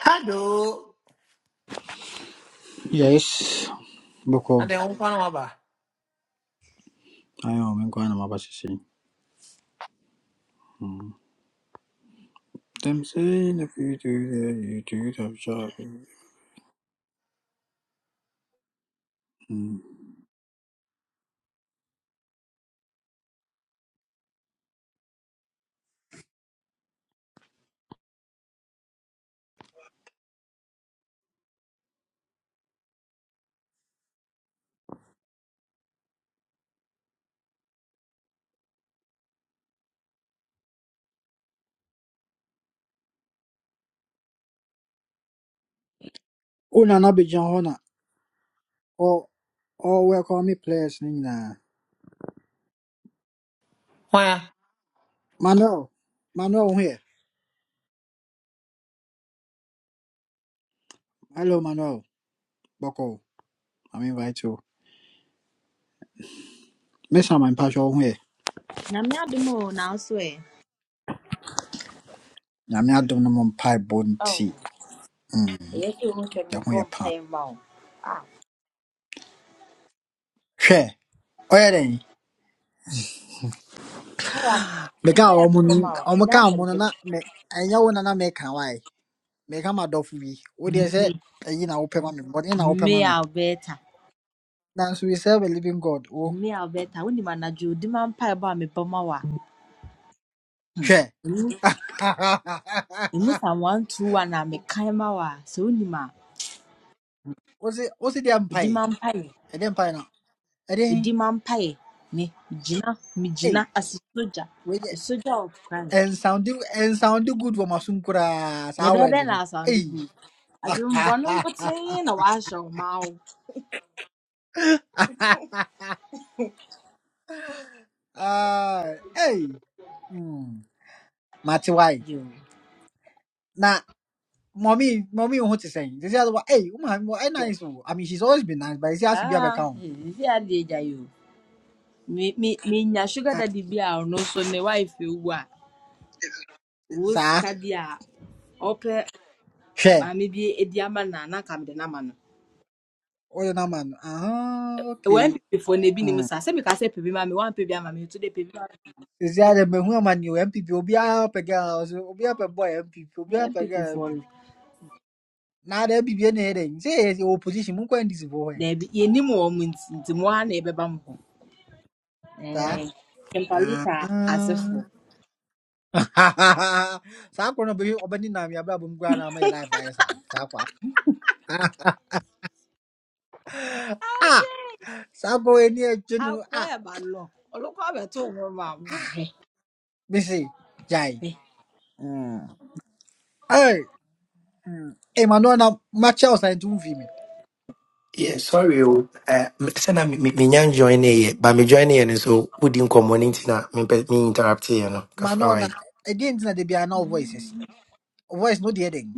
Hello. Yes, Boko. And then I'm one corner over. I am in Guanama Bashi. Them saying if you do that, you do the job. Mm. Una na bijan hona. Or or we me players nina. Why? Manuel. Manuel here. Hello Manuel. Boko. I'm invite you. Miss I'm in Pacho here. Na Me adom o nanso ɛ Na me adom no mon pie bone Oh, tea. Hmm. yes, you want to be Ya ho ye bomb pa. pie mouth. Ah, Hwɛ. Ɔyɛ dɛn? fire, Meka a fire ɔmo bomb n- out. ɔmo ka a Enough ɔmo and no kick. na me ɛnyɛ wo na na meka Make him a meka m'adɔfo bi wodeɛ sɛ ɛyi na open ma but bɔne na open ma mme Now, a wobɛɛta nanso we serve a living god Oh, mme a wobɛɛta wonim anadwo odima mpaebɔ a mebɔ ma wo share. sa 121 a mekan ma wo a sɛ wonim a What's it? hwɛ wose wose deɛ odima mpae mpaeɛ ɛdeɛ mpae no ɛdeɛ he odima mpaeɛ ne gyina megyina ei ase sogya wedeɛ a sogya of christ ɛnsounde ɛnsounde good wɔ masom koraa na saa ɛbɛyɛ word dɛn na no asando Hey. gu adwemmɔne nkotee na wɔahyɛ wo ma wo Ah, Hey. Hmm, mate why na mommy mommy wo ho te sɛn te sɛ adɔ ei wo maame wɔ ɛyɛ nice o i mean she's always been nice but ɛsi ase bi a Ah, ho efi adi egya yi o. Me me menya sugar Ah, daddy bi a ɔno so ne wife ewu a owu saa sika bi a ɔpɛ hwɛ maame bi na na nka mede When people Oyo na man. Ah, Wɔ okay. NPP foɔ na ebi nim Mm. saa sɛ mika sɛ pebi maame wɔn pebi ama mi etu de pebi maame. Is that the who am I new MPP? Obiara pe girl, Obiara pe boy MPP, Ɛyɛ Obiara pe means girl foɔ MPP. no Now the MPP any heading. Say the opposition mun kwa ndisi boy. dɛbi yenim wɔn mu nti nti mo ha na ɛbɛba mo ho. Sa. Ɛɛ Ah. Kempaluta asefoɔ. Ah. Sa ko no be obani na mi abra bum gwa na my life ay sa. Sa ko. Ah. Agye Sa ko eni e junu akɔ ah. ɛba lɔ ɔlɔkɔ abɛto wɔn mu a wɔn ahɛ. Me say. Jai. Mm. Hey. Mm. Hey, Manona, match out and do me. Yeah, sorry, oh, uh, sana me me me nyan join here, but me join here and so we didn't come on internet. Me pe- me interrupt here, you know. Kafra Manona, why? again, na de be an voice. esi. Voice no the heading.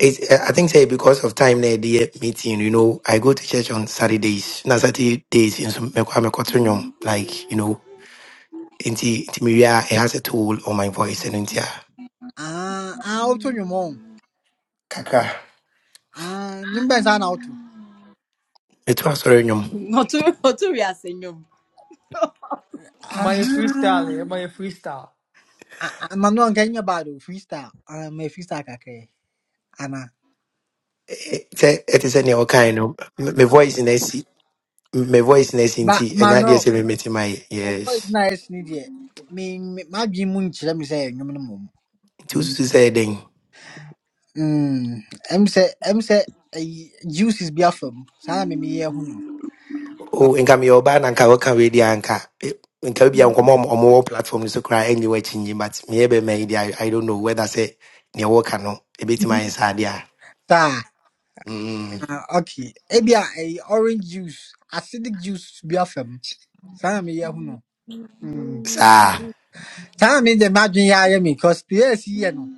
It's, uh, I think say because of time na the meeting, no, you know, I go to church on Saturdays, na Saturday days, and so me kwa me kotunyom, like you know, inti inti me wia, it has a toll on my voice and inti ah, Ah, ah, auto nyumo. kaka. Ah, nyumba sana auto. Me tuwa sorry nyom. Ɔtu ɔtu wi ase nyom. My freestyle, eh? Aha. My freestyle. Ah, ah, Manuel Kenya bado freestyle. Ah, me freestyle kakre. Ana. It it is any kind of my voice in esi, my voice in esi Ba inti, and that is mano, me meeting my o boy yes. na es ni die. Me me- madwi mu nkyerɛ me sɛ nnwom no mmom. Mm. Tusu say then. Mm. Em sɛ em sɛ ɛyi, juices bi afa mu. Saa me meyɛ ho no. Oh, nka meyɛ ɔbaa na nka wɔka wei deɛ anka eh, nka bia nkɔmmɔ a ɔmo ɔmo wɔ platform no so koraa ɛnyɛ wɔakyinyi but meyɛ bɛma yi deɛ I I don't know whether say neɛ wɔka no ɛbɛtumi ayɛ saa deɛ a Saa. mm, Ah, okay. Ebia ɛyi, orange juice, acidic juice bi afa Sana Saa na meyɛ no. saa Time made the imagine ya hear me conspiracy, you know.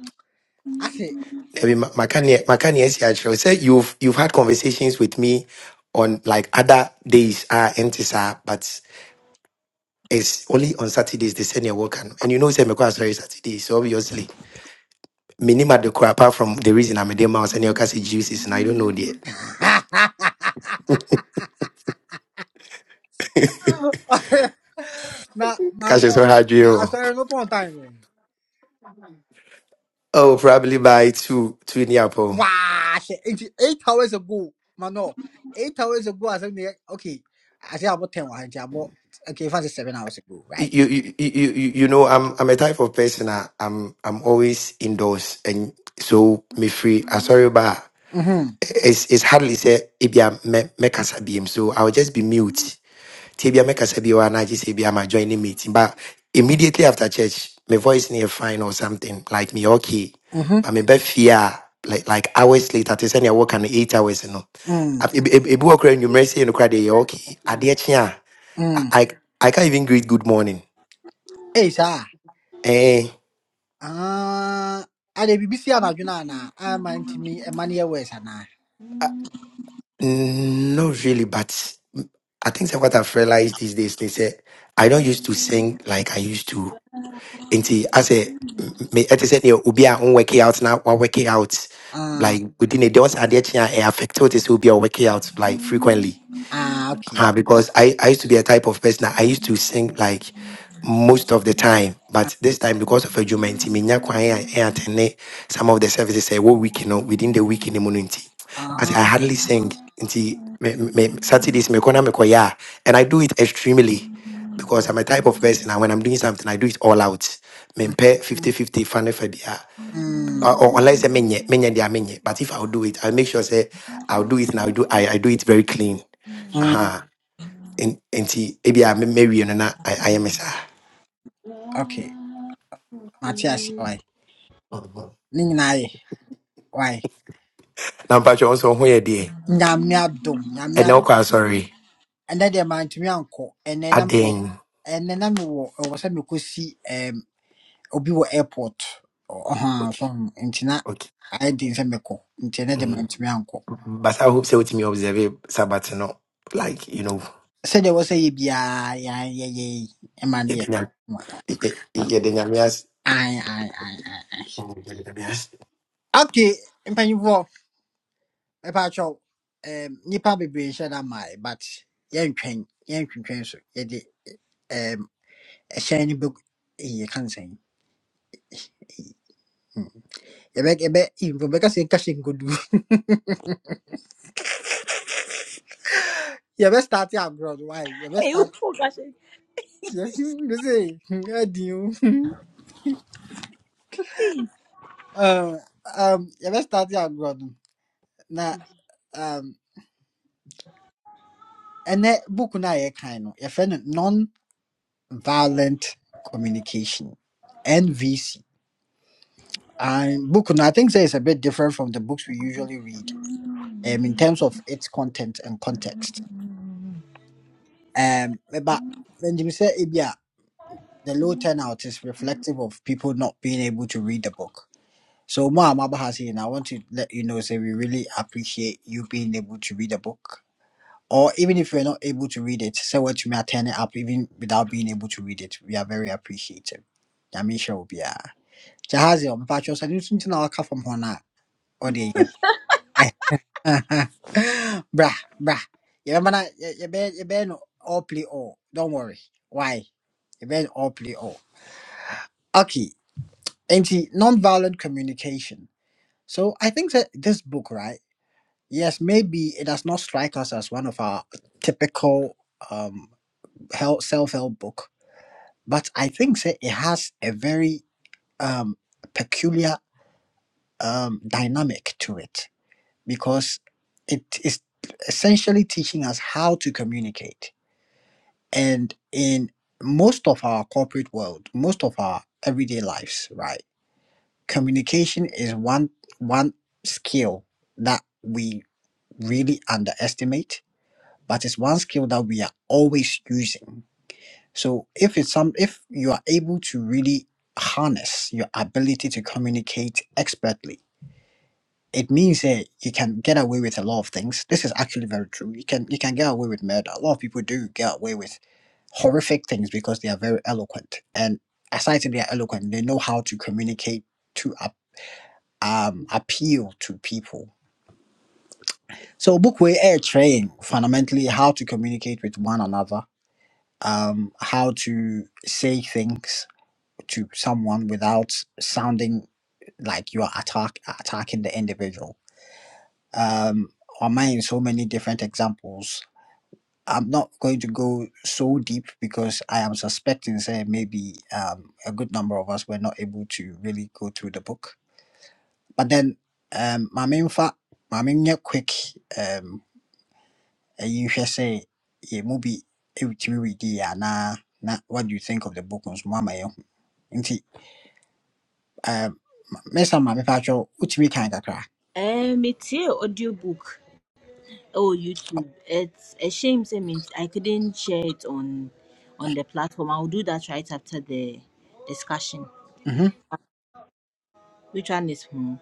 I say, Dabi, ma- maka neɛ maka neɛ asi akyerɛ wo sɛ you've you've had conversations with me on like other days a ɛnte sir, but it's only on Saturdays they send neɛ wɔka no and you know sɛ mekɔ asɔre Saturday so obviously menim ade koraa apart from the reason I'm a ma wo sɛ neɛ wɔka sɛ juices and I don't know the deɛ nah, nah, ka no. so hard, I ɔha started no point time, man. Oh, probably by two, two in Yapo. Wow, shit. Eight eight hours ago, man, no. Eight hours ago, I said, me, okay, I said about 10 hours, about, okay, fancy seven hours ago, right? You, you, you, you, you know, I'm, I'm a type of person. I, I'm, I'm always indoors, and so me free. i sorry, but Mm-hmm, it's, it's hardly say ibia me me make us a biem. So I'll just be mute. If Tibia me kasa biwa I just say ibia ma joining meeting. But immediately after church, my voice near fine or something like me okay. mm-hmm, But me be fear like like hours later. They send you work and eight hours. You know, mm, ebu okra enumerate say you mercy you cry. They okay. Adiye mm. I I can't even greet good morning. Hey, sir. Eh, Ah, I the BBC and Arjuna, and I'm my money away, and not really, but I think that what I've realized these days is that I don't used to sing like I used to. Until as a me at said you will be on working out now or working out ah, like within a day once I did I affected this will be a working out like frequently. ah, okay. uh, because I, I used to be a type of person that I used to sing like most of the time, but this time because of a jument, attend some of the services I whole week, you know, within the week in the morning. nti, As Aha. I hardly sing until me- me- me- Saturdays, me kona me koya, and I do it extremely because I'm a type of person and when I'm doing something, I do it all out. Mempe Mhm. 50 50 fan for Mm, or or unless I menye menye dia menye. But if I'll do it, I'll make sure say I'll do it and I'll do I, I do it very clean. mhm. Huh. En- enti ebia me mawie no na ay- ayɛ sa. saa Okay. Mate ase why. Ne nyinaa yɛ why. na mpatwɛ wo nso wo ho yɛ deɛ Nyame adom, nyame ɛnɛ adom. wokɔ asɔre Ɛnɛ deɛ mantumi ankɔ. Ɛnɛ na mewɔ adɛn ɛnɛ na mewɔ ɛwɔ sɛ mekɔsi um, obi wɔ airport. Ɔha so okay nti na okay ayɛ den sɛ mekɔ. Nti ɛnɛ deɛ mm. mantumi ankɔ. but i hope sɛ wotumi observe sabat no like you know Sɛdeɛ ɛwɔ sɛ yɛ biara yɛayɛyɛ yi ɛma no yɛ. yɛde nyam- yɛ- yɛ- yɛde nyame ase Ae ae ae ae. ae. Mm, yɛde nyame ase. Okay, mpanyinfoɔ. ɛpaakyɛw um, nnipa bebree nhyɛ da mae but yɛntwɛn yɛntwentwɛn so yɛde um, ɛhyɛn no bɛgu ɛyɛ ka nsɛn yɛbɛ yɛbɛ info bɛka sɛ nka hyɛ nkodu yɛbɛ start abroad why yɛbɛ start yɛbɛ sɛ adi o Um, um, um, yɛbɛ start abroad no, na um, ɛnɛ book no a yɛkan no yɛfrɛ no non-violent communication nvc and book no i think sɛ it's a bit different from the books we usually read um, in terms of its content and context. Um, but when you say Ibia, the low turnout is reflective of people not being able to read the book. So, Ma Mabahasi, and I want to let you know, say we really appreciate you being able to read the book. Or even if you're not able to read it, say what you may turn it up even without being able to read it. We are very appreciative. Yamisha Obia. Jahazi, I'm patching. I didn't know I come from Hona. Bruh, bruh. You remember that? You, you been, you been all play all. Don't worry. Why? You been all play all. Okay. Anti non-violent communication. So I think that this book, right? Yes, maybe it does not strike us as one of our typical um help, self-help book, but I think that it has a very um peculiar um dynamic to it because it is essentially teaching us how to communicate And in most of our corporate world, most of our everyday lives, right? Communication is one one skill that we really underestimate, but it's one skill that we are always using. So if it's some if you are able to really harness your ability to communicate expertly it means that you can get away with a lot of things. This is actually very true. You can you can get away with murder. A lot of people do get away with horrific things because they are very eloquent. And aside from they are eloquent, they know how to communicate to ap- um appeal to people. So Bookway Air Train fundamentally how to communicate with one another, um, how to say things to someone without sounding like you are attack attacking the individual um, on mine so many different examples. I'm not going to go so deep because I am suspecting, say, maybe um, a good number of us were not able to really go through the book. But then, um, my main fact, my main yeah, quick, um, you should say, yeah, maybe it will be there. na nah, what do you think of the book? on Mama, nti, um, Mister Mami Pacho, which we kind of cry. it's here audiobook Oh, YouTube. It's a shame, I mean, I couldn't share it on on the platform. I'll do that right after the discussion. Mm-hmm. Which one is whom?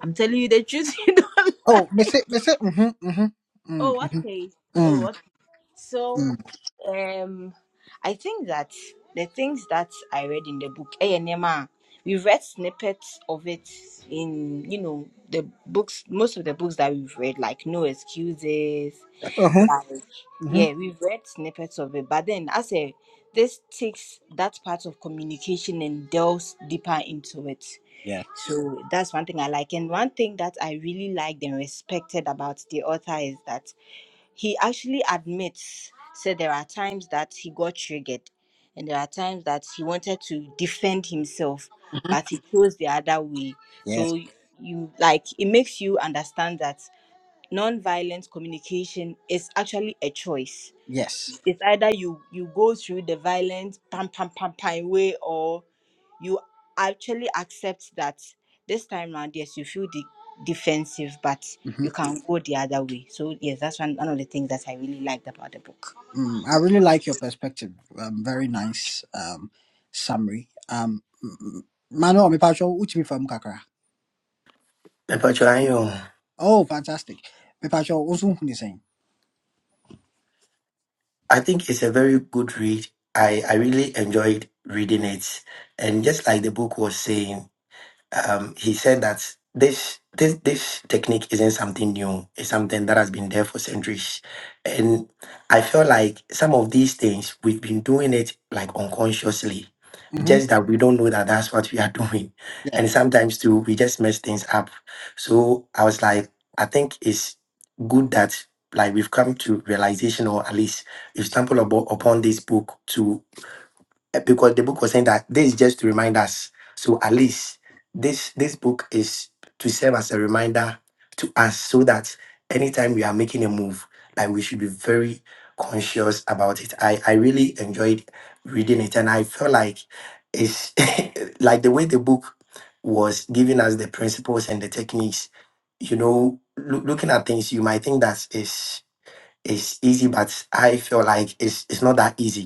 I'm telling you the truth. You don't Oh, lie. Mister, Mister, mm-hmm, mm-hmm, Oh, mm-hmm, okay. Oh, mm-hmm, okay. So, mm-hmm. um, I think that the things that I read in the book, A Nema, we read snippets of it in, you know, the books, most of the books that we've read, like No Excuses, mm-hmm. Yeah, we've read snippets of it, but then I say this takes that part of communication and delves deeper into it. Yes. So that's one thing I like. And one thing that I really liked and respected about the author is that he actually admits, said there are times that he got triggered and there are times that he wanted to defend himself, hmm but he chose the other way. Yes. So you like it makes you understand that non-violent communication is actually a choice Yes. it's either you you go through the violent pam pam pam pam way or you actually accept that this time round yes you feel de- defensive but hmm you can go the other way so yes that's one, one of the things that i really liked about the book Mm, I really like your perspective. Um, very nice um, summary. Um, mm, mm. Manuel, me pacho uchi from kakra. mpatwɛ ayɛ o. Oh, fantastic. Me pacho usu huni saying. i think it's a very good read i i really enjoyed reading it and just like the book was saying um, he said that this this this technique isn't something new. It's something that has been there for centuries, and I feel like some of these things we've been doing it like unconsciously, Mm-hmm. just that we don't know that that's what we are doing, Yeah. Mhm. and sometimes too we just mess things up. So I was like, I think it's good that like we've come to realization or at least we've stumbled abo- upon this book to uh, because the book was saying that this is just to remind us. So at least this this book is to serve as a reminder to us so that anytime we are making a move, like we should be very conscious about it. I, I really enjoyed reading it and I felt like it's like the way the book was giving us the principles and the techniques, you know, loo- looking at things you might think that is is easy, but I feel like it's it's not that easy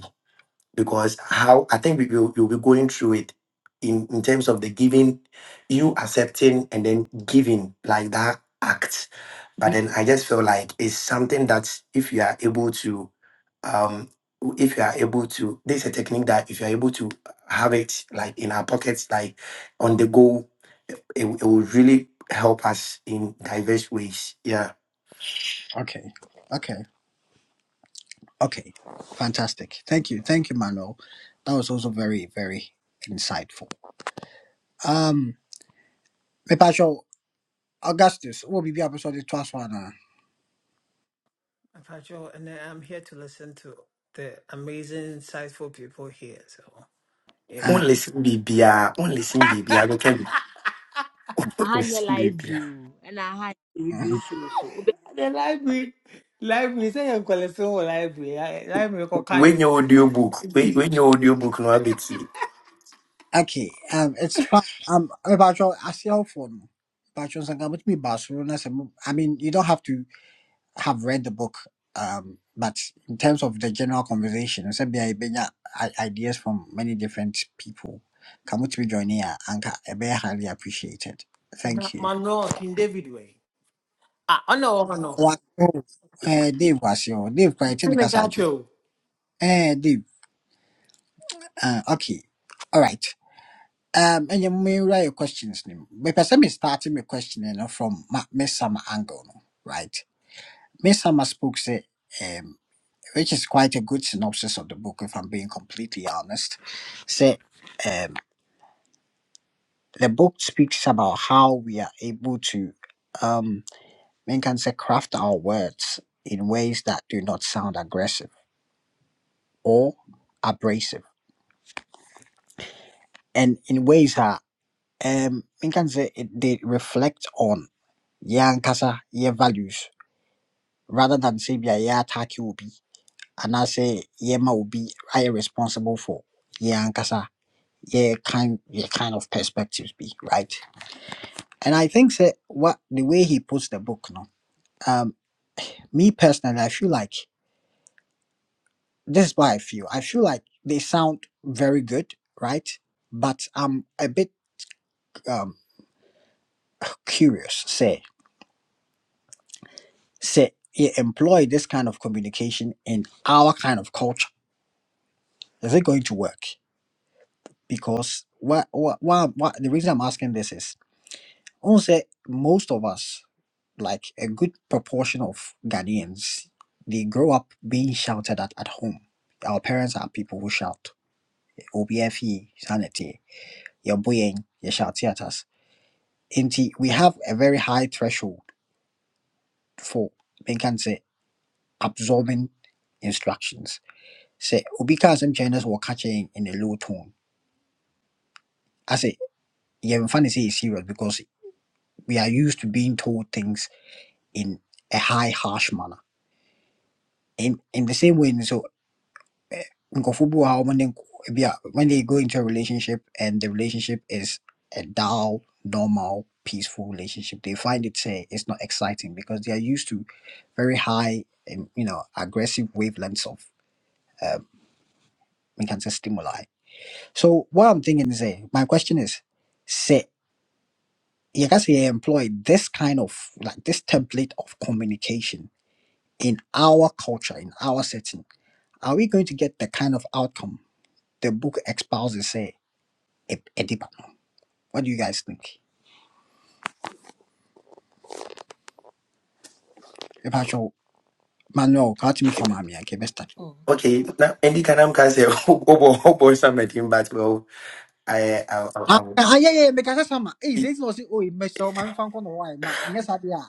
because how I think we will you'll be going through it in, in terms of the giving, you accepting and then giving like that act. But Yes. then I just feel like it's something that if you are able to um if you are able to this is a technique that if you're able to have it like in our pockets, like on the go, it, it will really help us in diverse ways. Yeah. Mm, Okay. Okay. Okay. Fantastic. Thank you. Thank you, Manuel. That was also very very insightful. Um, me pacho Augustus. We'll be episode twice one? uh, Patrol, and then I'm here to listen to the amazing, insightful people here. So, yeah. uh, Only listen BBR, only listen BBR, okay. Only I had your listen BBR. library o, and I had your mm-hmm. radio show so. Ube- The library, library. Say you qualify for library. eh, Library, ko When kai. your audiobook, when, when your audiobook no ability. Okay, um, it's fine. Um, about your see how phone. Bajo Sanga, which me Barcelona. some- I mean, you don't have to have read the book. Um, but in terms of the general conversation, I said, "Bia, Ibenya, i- ideas from many different people. Come to be joining here, And a very highly appreciated. Thank you. Mano, King David way. Ah, oh no, oh no. Wasio, eh, Dave Wasio, Dave, quite It's in the in the Casachu. gacho. Eh, Dave, uh, okay, all right. Um, and you may write your questions. name. But person me starting my question no from ma- Miss Summer angle, no, right? Miss Summer spoke say, um, which is quite a good synopsis of the book, if I'm being completely honest. Say, um, the book speaks about how we are able to, um, men can say craft our words in ways that do not sound aggressive or abrasive, and in ways that um, men can say it, they reflect on yeah, and Kasa, yeah, values rather than say, be," a attack you be and I say, "Yeah, ma, will be," I responsible for yɛn ankasa Yeah, kind yeah, kind of perspectives be right and i think say, what the way he puts the book no um me personally i feel like this is what i feel i feel like they sound very good right but i'm a bit um curious say say you employ this kind of communication in our kind of culture is it going to work because what what what, what the reason I'm asking this is also most of us like a good proportion of Ghanaians they grow up being shouted at at home. Our parents are people who shout OBFE sanity your boying you shout at us. Inti we have a very high threshold for we can say absorbing instructions. Say obika some Chinese were catching in a low tone. I say yeah, funny say it's serious because we are used to being told things in a high, harsh manner. In in the same way, so nkorɔfo bi wɔ hɔ yeah, when they go into a relationship and the relationship is a dull, normal, peaceful relationship, they find it say it's not exciting because they are used to very high and you know aggressive wavelengths of we can say stimuli. So what I'm thinking is, eh, my question is, say you can say employ this kind of like this template of communication in our culture, in our setting Are we going to get the kind of outcome the book espouses say e- ediba no? What do you guys think? If I show Manuel, catch me from Miami, okay, best start. Oh, okay. Okay, now any kind of can say obo obo something, but well, I I I. I Ah, I- ah, yeah, yeah, make a sama. Hey, say no, say, oh, me so man fan kono why na? Anya sabi ya,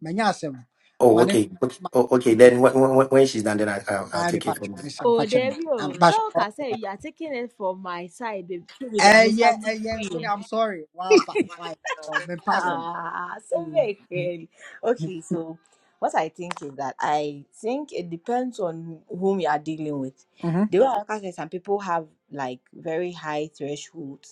manya asem, Oh, mane, okay, okay, oh, okay. Then when, when, when she's done, then I, I'll, I'll I'm a take it patch from of there. myself, Oh, fetch there me. you I'm go. patch So, like I say, you are taking it from my side. babe. Maybe they are Eh, Mr. yeah, eh, yeah, but Free. I'm sorry. Wow, fa, why? So, me pass him. Ah, so Mm. very clearly. Okay, so what I think is that I think it depends on whom you are dealing with. Mm-hmm, The way I look at it, some people have like very high thresholds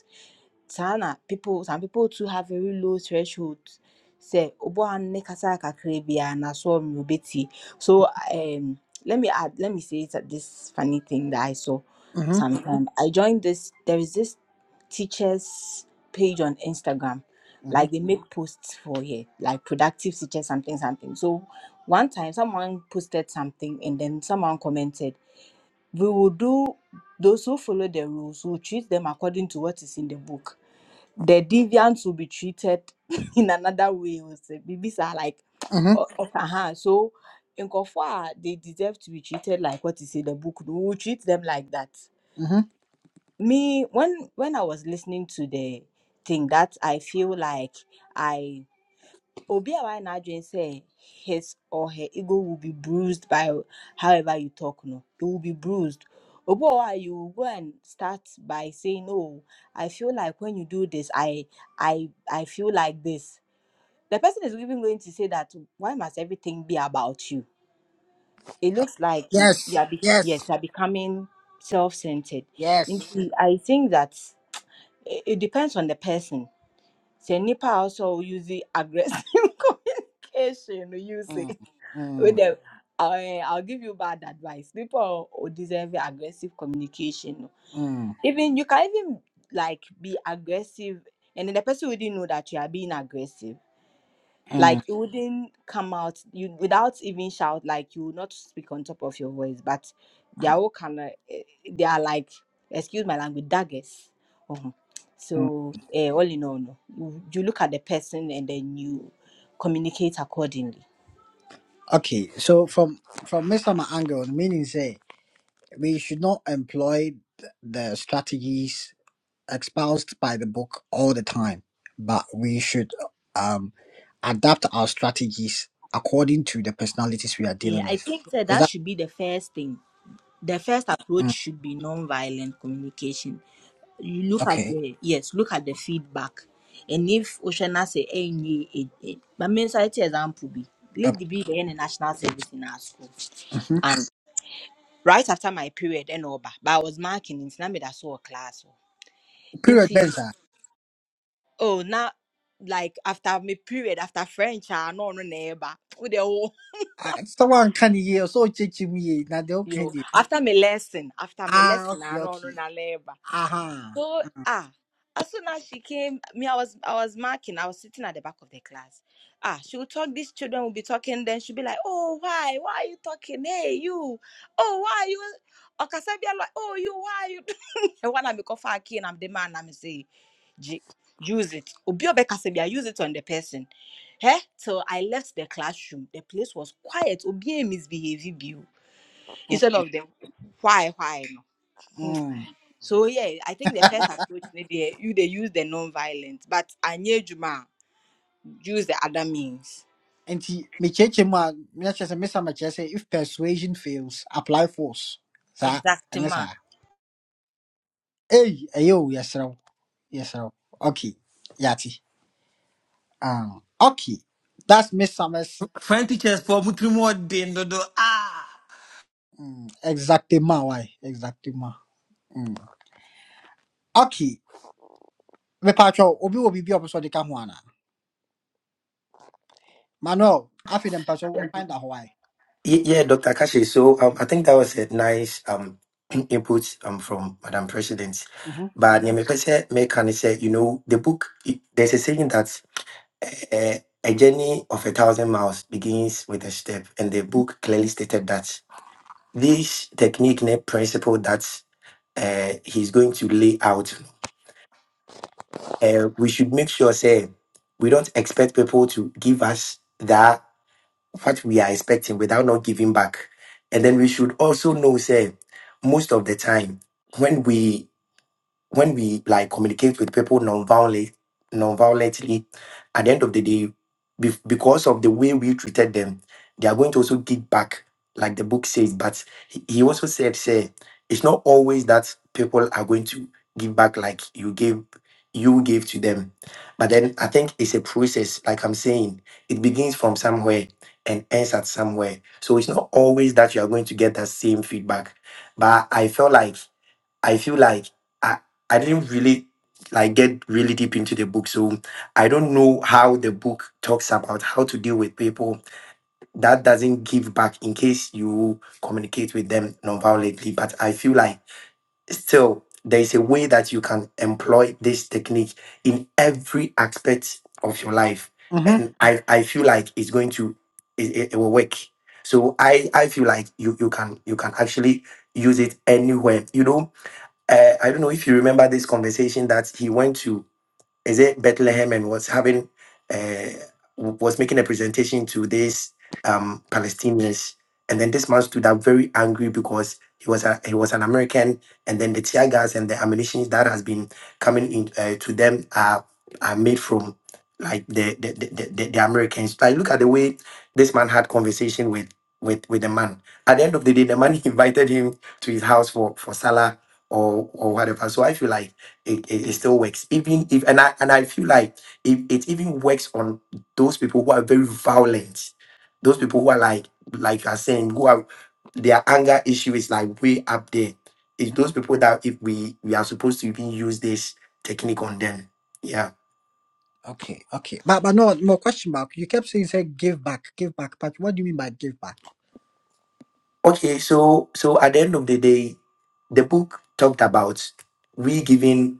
saa people some people too have very low thresholds. Say, obi a ne kasa kakra biara na so ɔmo betie so um, let me add let me say that this funny thing that i saw mm-hmm, sometime i joined this there is this teachers page on instagram like they make posts for here like productive teachers something something so one time someone posted something and then someone commented we will do those who follow the rules we will treat them according to what is in the book the deviants will be treated in another way. We say babies are like, mm-hmm, oh, uh-huh. so in Kofa, they deserve to be treated like what is in the book. We will treat them like that. mm-hmm. Me, when when I was listening to the thing, that I feel like I Obi a wayɛ n'adwene sɛ his or her ego will be bruised by however you talk no, it will be bruised. Obi wɔ you will go and start by saying, "Oh, I feel like when you do this, I, I, I feel like this." The person is even going to say that, "Why must everything be about you?" It looks like you you Yes, are, be, yes, yes, you are becoming self-centered. yes. Nti, I think that it, it depends on the person. Say nipa also ɔsɔ use the aggressive communication no use Mm, with mm, them. I, I'll give you bad advice. People who deserve aggressive communication. no. mm, Even you can even like be aggressive, and then the person wouldn't know that you are being aggressive. mm, Like you wouldn't come out you without even shout. Like you will not speak on top of your voice, but they are all kind of eh, they are like excuse my language daggers. Mhm. mm. So eh, all in all, no. you, you look at the person and then you communicate accordingly. Okay, so from from Mr. Angle, meaning say we should not employ th- the strategies espoused by the book all the time, but we should um adapt our strategies according to the personalities we are Yeah, dealing I with. think that Is that that should be the first thing. The first approach mm, should be non-violent communication. You look at okay? the yes, look at the feedback, and if Oshana say any, eh, eh, but me say it example be Uh, let the be the end national service in our school, hmm and right after my period and over, but I was marking in Sinamid I saw a class Period, into then, sir. oh now like after my period after French I no no neighbor with the whole Ah, Someone can hear so judge me now. They okay. yo dey- after my lesson after my Ah, lesson okay, I no no okay. na labor. Aha. So ah, as soon as she came, me, I was I was marking, I was sitting at the back of the class. Ah, she would talk, these children would be talking, then she'd be like, Oh, why? Why are you talking? Hey, you, oh, why are you Okasabia like, oh, you, why are you and when I become far and I'm the man, I'm say, "Gee, use it. Obi obekasabia, use it on the person. Hey, so I left the classroom. The place was quiet. Obi misbehaving you. Instead of them, why, why? No? mm. So yeah, I think the first approach maybe you they use the non-violent, but anyejuma use the other means. nti mekyerɛkyerɛ mu a meakyerɛ sɛ mesa makyerɛ sɛ if persuasion fails apply force saa Exactly ɛnyɛ ma. saa ei ɛyɛ o yɛserɛ wo yɛserɛ wo okay yɛate um, okay that's miss summers French teachers for mutumu din do do. Ah. mm, exactly ma. why exactly, ma? mm. okay mepatwɛ wo, obi wɔ biribi a ɔpɛ sɛ ɔde ka ho anaa manuel afei dɛ mpɛ find ɔkwan da hɔ ae Ye- Yeah, Dr. Kashi. So um, I think that was a nice um input um from Madam President. Mhm, But yeah, me person me can say, you know, the book. it- There's a saying that uh, a journey of a thousand miles begins with a step, and the book clearly stated that. this technique ne principle that uh, he's going to lay out uh, we should make sure say we don't expect people to give us that what we are expecting without not giving back and then we should also know say most of the time when we when we like communicate with people non-violently, non-violently, at the end of the day, be- because of the way we treated them, they are going to also dig back, like the book says. But he he also said, say, it's not always that people are going to give back like you gave you gave to them. But then I think it's a process, like I'm saying, it begins from somewhere and ends at somewhere. So it's not always that you are going to get that same feedback. But I felt like I feel like I, I didn't really like get really deep into the book. So I don't know how the book talks about how to deal with people. That doesn't give back in case you communicate with them nonviolently. But I feel like still there is a way that you can employ this technique in every aspect of your life. mhm. And I, I feel like it's going to it, it it will work. So I, I feel like you, you can you can actually use it anywhere. You know, uh, I don't know if you remember this conversation that he went to is it Bethlehem and was having uh, was making a presentation to these um, Palestinians, and then this man stood up very angry because he was a, he was an American, and then the tear gas and the ammunition that has been coming in uh, to them are are made from like the the, the, the the the Americans. Like look at the way this man had conversation with. With, with the man at the end of the day the man invited him to his house for for salah or or whatever so i feel like it, it, it still works even if and i and i feel like it, it even works on those people who are very violent those people who are like like i saying who are their anger issue is like way up there it's those people that if we we are supposed to even use this technique on them yeah Okay, okay. But but no more question mark. You kept saying say give back, give back. But what do you mean by give back? okay so so at the end of the day the book talked about we giving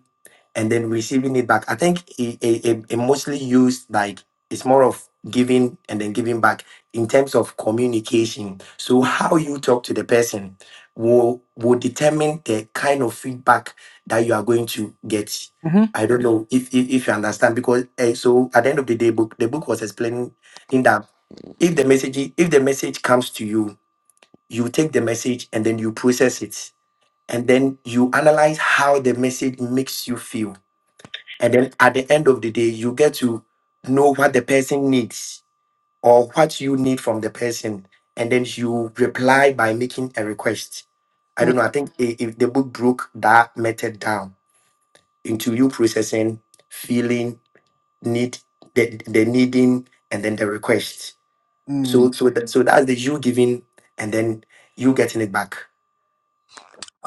and then receiving it back. I think it, it, it it mostly used like it's more of giving and then giving back in terms of communication. So how you talk to the person will will determine the kind of feedback that you are going to get. Mm-hmm. I don't know if if, if you understand because eh, so at the end of the day, book the book was explaining in that if the message if the message comes to you, you take the message and then you process it and then you analyze how the message makes you feel and then at the end of the day, you get to know what the person needs or what you need from the person. And then you reply by making a request. I don't mm know. I think i- if the book broke that method down into you processing, feeling, need, the, the needing, and then the request. hmm So so that, so that's the you giving and then you getting it back.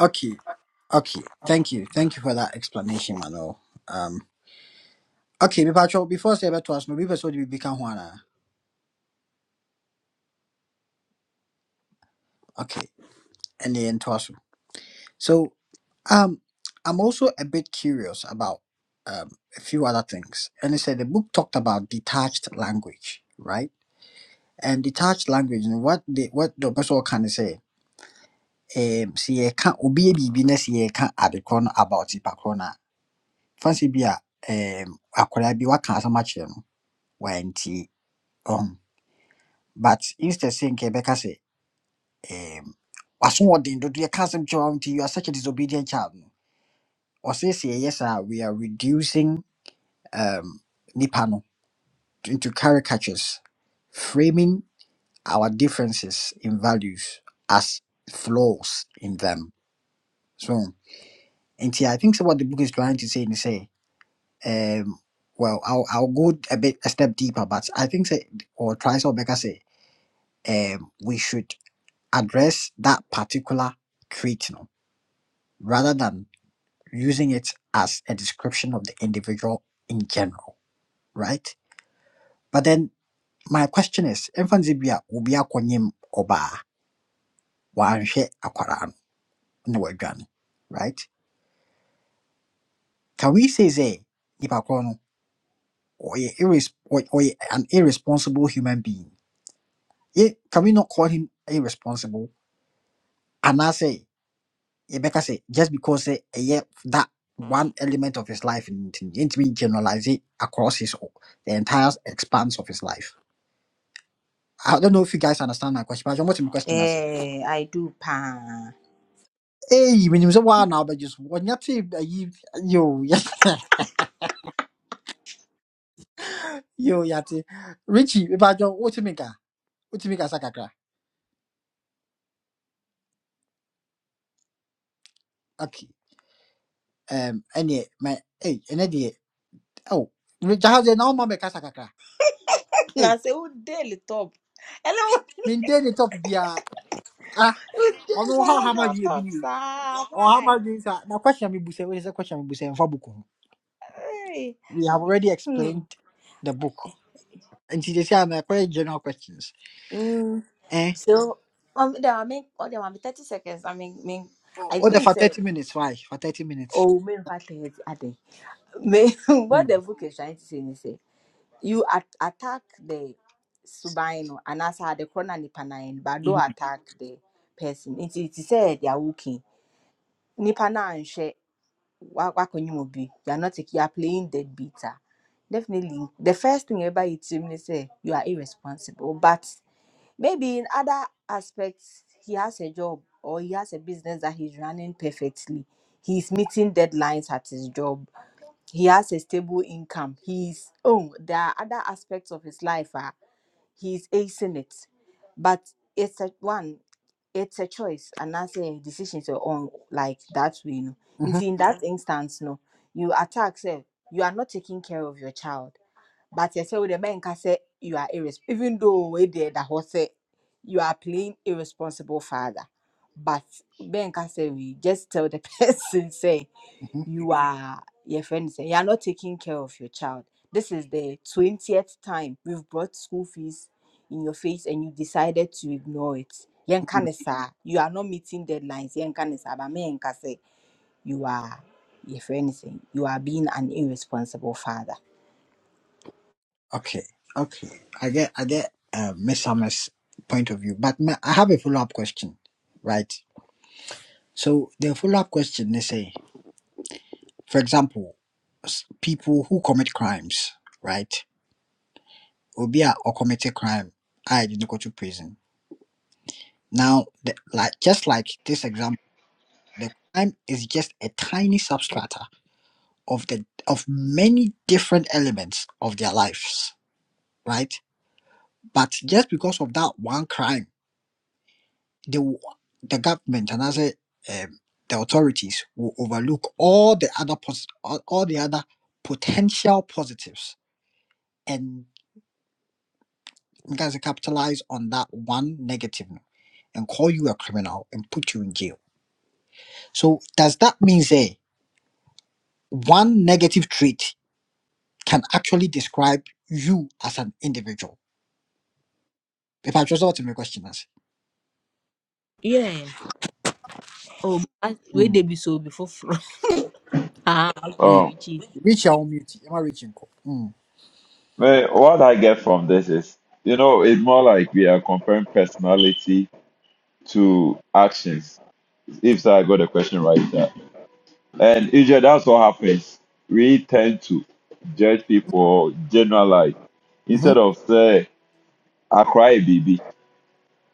Okay. Okay, thank you. Thank you for that explanation, Mano. Um, okay, me patrol, before I say about us, no, people should be Juana. Okay, and then to us. So, um, I'm also a bit curious about um, a few other things. And it said the book talked about detached language, right? And detached language, and what the what the person can say, um, see, you can't obi bibi na see you can't add the corner about it, corner. Fancy be a um, akwara bi waka asama kyerɛ no wantie But instead saying Kebeka say, um asoɔden dodo yɛka asɛm kyerɛ wo a, nti you are such a disobedient child no ɔse say yɛyɛ saa a, we are reducing um Nipano into caricatures framing our differences in values as flaws in them. So, and see, I think so what the book is trying to say is say, um, well, I'll, I'll go a bit a step deeper, but I think say, or try so better say, um, we should. address that particular trait you know, rather than using it as a description of the individual in general, right? But then my question is, infancy be a ubi akonyim oba wanhwe akwara no wadwane, right? Can we say say nipa koro no ɔyɛ irres- ɔy- ɔyɛ an irresponsible human being? Ye- Can we not call him irresponsible? And I say yɛbɛka say just because sɛ ɛyɛ that one element of his life nti no, yɛntumi generalize it across his o- the entire expanse of his life I don't know if you guys understand my question, but I'm asking question. I say, Eh, I do pa. hey, when you say wow, now but just when you say you yo yo yati Richie, if I don't what you make a what you make a sakakra okay um any my hey any day, oh Richie how's it now mama make a sakakra hey Now say who daily top. Hello, maintain the top be a ah who I don't daily know how how has much on you top, be sir? on how Why? much this now question me buse what is the question me buse and for book Hey. we have already Hmm. explained the book and they say I'm uh, quite general questions Mm. eh So um, there are me, oh, there are me thirty seconds. I mean, mean. oh I oh, the think for say. 30 minutes why for 30 minutes Oh, main fact is I think. Me, what the mm-hmm. book is trying to say is. You at- attack the Subaino and as the corner nipa nine, but hmm don't attack the person. It is said they are working. Nipa nine she wakonyomobi. You are not taking- you are playing dead beater. Definitely, the first thing everybody timidly say you are irresponsible. But maybe in other aspects, he has a job or he has a business that he's running perfectly. He's meeting deadlines at his job. He has a stable income. He's oh, there are other aspects of his life. ah, he's acing it but it's a one it's a choice and that's a decision so on like that way you know if in that Mhm. instance no you attack say you are not taking care of your child but you say with the man can say you are irresponsible even though we there that horse say you are playing irresponsible father but ben can say we just tell the person say hmm you are your friend is saying you are not taking care of your child. This is the twentieth time we've brought school fees in your face and you decided to ignore it. Yɛnka hmm ne saa, You are not meeting deadlines. Yɛnka ne saa, but me yɛnka sɛ You are your friend is saying you are being an irresponsible father. okay okay I get I get uh, Miss Summers point of view but ma- I have a follow up question right so the follow up question they say for example s- people who commit crimes right Obia or commit a crime I didn't go to prison Now, the, like just like this example, the crime is just a tiny substrata of the of many different elements of their lives, right? But just because of that one crime, the the government and as a um, the authorities will overlook all the other pos- all, all the other potential positives and guys capitalize on that one negative and call you a criminal and put you in jail. So does that mean say one negative trait can actually describe you as an individual. If I just want to make questions, Yeah. Oh, where mm. they be so before from. Ah, Mm. okay, Oh, which is reach your own beauty. Am I reaching? Mm. man, what I get from this is, you know, it's more like we are comparing personality to actions. If so, I got the question right there. And usually that's what happens. We tend to judge people, generalize, Mm-hmm. instead of say, I cry, baby.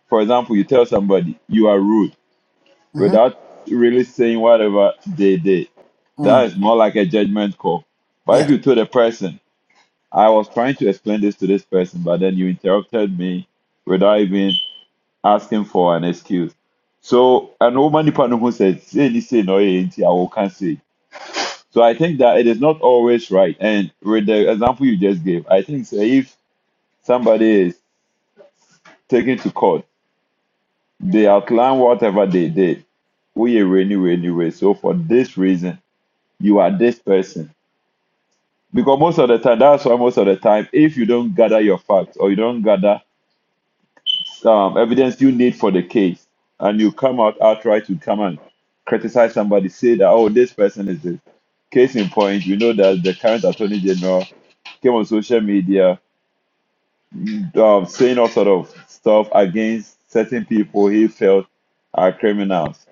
For example, you tell somebody you are rude Mm-hmm. without really saying whatever they did. Mm. That is more like a judgment call. But if Yes. you tell the person, I was trying to explain this to this person, but then you interrupted me without even asking for an excuse. So, an old man who said, say this, say no, eh, nti, I will can't say. So, I think that it is not always right. And with the example you just gave, I think say, if somebody is taken to court, they outline whatever they did. We are rainy, rainy, rainy. So, for this reason, you are this person. Because most of the time, that's why most of the time, if you don't gather your facts or you don't gather um, evidence you need for the case, and you come out outright to come and criticize somebody, say that, oh, this person is this. Case in point, we know that the current attorney general came on social media um, saying all sort of stuff against certain people he felt are criminals.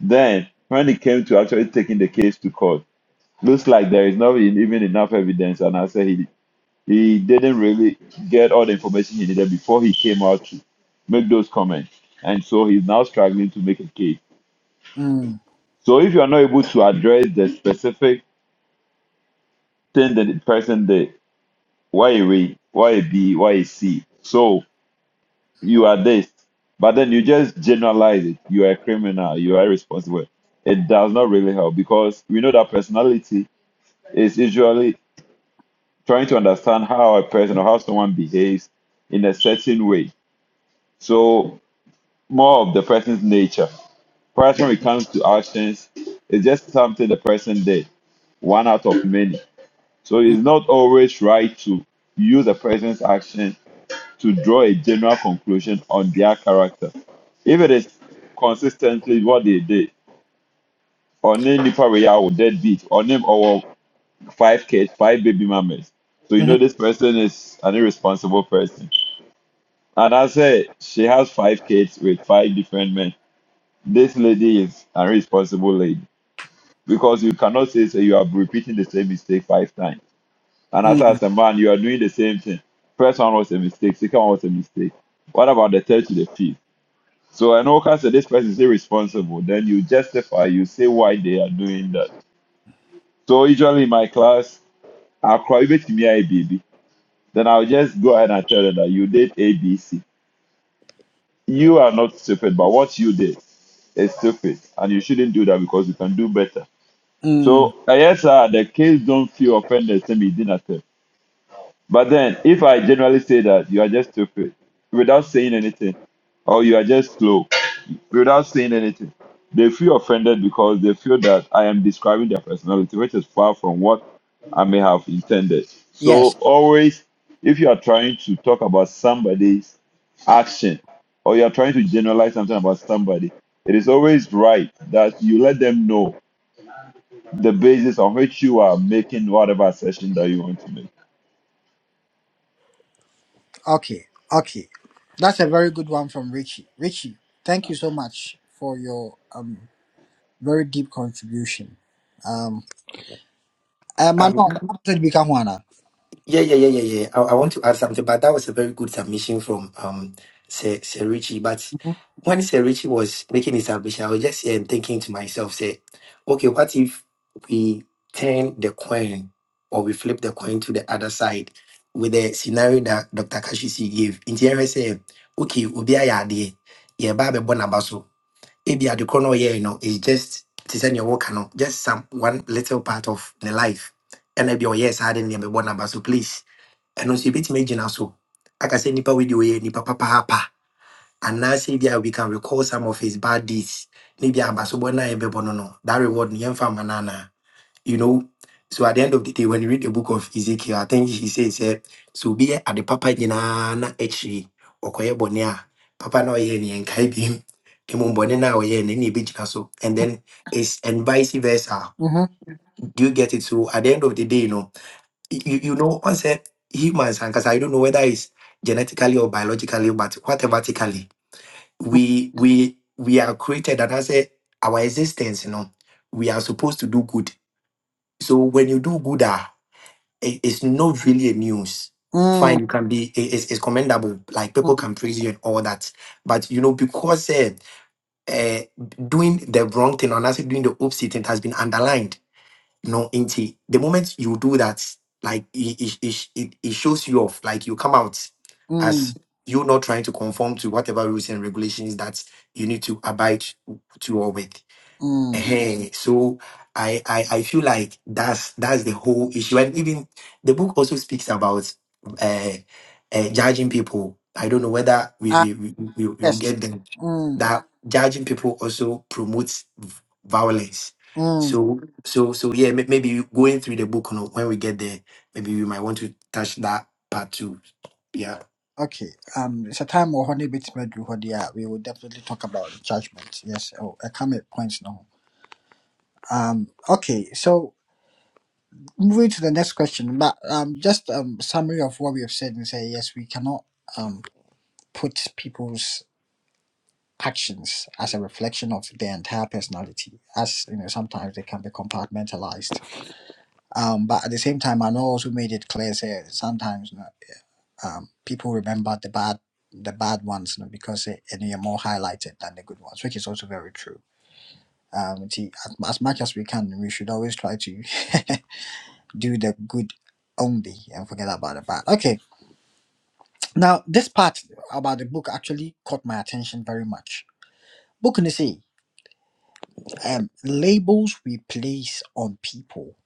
Then, when it came to actually taking the case to court, looks like there is not even enough evidence, and I said he he didn't really get all the information he needed before he came out to make those comments. And so he's now struggling to make a case. Mm. So if you are not able to address the specific thing that the person did, why a way, why a B, why a C, so you are this, but then you just generalize it. You are a criminal, you are irresponsible. It does not really help because we know that personality is usually trying to understand how a person or how someone behaves in a certain way. So more of the person's nature. Perhaps when it comes to actions, it's just something the person did, one out of many. So Mm. it's not always right to use a person's action to draw a general conclusion on their character. If it is consistently what they did, or name nipa wey I would deadbeat, or name our five kids, five baby mamas. So Mm-hmm. you know this person is an irresponsible person. And I say she has five kids with five different men. This lady is an irresponsible lady. because you cannot say so you are repeating the same mistake five times. And as Mm. as a man, you are doing the same thing. First one was a mistake, second one was a mistake. What about the third to the fifth? So an okay said this person is irresponsible. Then you justify, you say why they are doing that. So usually in my class, I'll cry with me I baby. Then I'll just go ahead and tell them that you did A B C. You are not stupid, but what you did is stupid. And you shouldn't do that because you can do better. Mm. So I yes, sir, the kids don't feel offended. They Send me attend. But then, if I generally say that you are just stupid without saying anything, or you are just slow without saying anything, they feel offended because they feel that I am describing their personality, which is far from what I may have intended. Yes. So, always, if you are trying to talk about somebody's action or you are trying to generalize something about somebody, it is always right that you let them know the basis on which you are making whatever assertion that you want to make. Okay. Okay. That's a very good one from Richie. Richie, thank you so much for your um very deep contribution. Um, uh, Manon, how did you become one? Yeah, yeah, yeah, yeah, yeah. I, I want to add something, but that was a very good submission from um Sir, Sir Richie. But Mm-hmm. when Sir Richie was making his submission, I was just here and thinking to myself, say, okay, what if we turn the coin or we flip the coin to the other side with the scenario that Dr. Kashisi gave? In the area, say, okay, ubi ayade, yeah, babe bonabaso. Ebi the corner here, you know, it's just to send your work, no, just some one little part of the life. And maybe, oh yes, I didn't remember number, so please ɛno nso yɛbɛtumi agyina so aka sɛ nnipa wei deɛ ɔyɛ nnipa papaapa anaasɛ bi a we can recall some of his bad deeds ne bi abasobɔ no a yɛbɛbɔ no no that reward no yɛmfa mma no anaa you know so at the end of the day when you read the book of ezekiel i think he says sɛ sɛ obi yɛ ade papa nyinaa na akyiri ɔkɔyɛ bɔne a papa na ɔyɛ ne yɛnkae bim mmom bɔne no a ɔyɛ no ne yɛbɛgyina so and then it's and vice versa Mm-hmm. Mm-hmm. do you get it so at the end of the day you know you, you know, I said humans and because I don't know whether it's genetically or biologically, but whatevertically, we we we are created and I say our existence, you know, we are supposed to do good. So when you do good, ah, it, it's not really a news. Fine, Mm. you can be it- it's, it's commendable, like people Mm. can praise you and all that. But you know, because uh, uh, doing the wrong thing and I say doing the opposite, it has been underlined no nti the moment you do that like it, it, it, it it shows you off like you come out as Mm. you not trying to conform to whatever rules and regulations that you need to abide to or with Mm. Hey, so I, I I feel like that's that's the whole issue, and even the book also speaks about uh, uh judging people. I don't know whether we Ah, we we we we will yes. get them Mm. that judging people also promotes v- violence. Mm, So so so yeah, may- maybe going through the book, you know, when we get there, maybe we might want to touch that part too. Yeah, okay. Um, it's a time where honey bit me do dear. We will definitely talk about the judgment. Yes. Oh, I come at points now. Um. Okay. So moving to the next question, but um, just um summary of what we have said and say yes, we cannot um put people's actions as a reflection of their entire personality, as you know, sometimes they can be compartmentalized. Um, but at the same time, I know also made it clear say sometimes. um, people remember the bad the bad ones you know, because they, and they are more highlighted than the good ones, which is also very true. Um, t- as, as much as we can, we should always try to do the good only and forget about the bad. Okay, now this part about the book actually caught my attention very much. Book in the sea, um, labels we place on people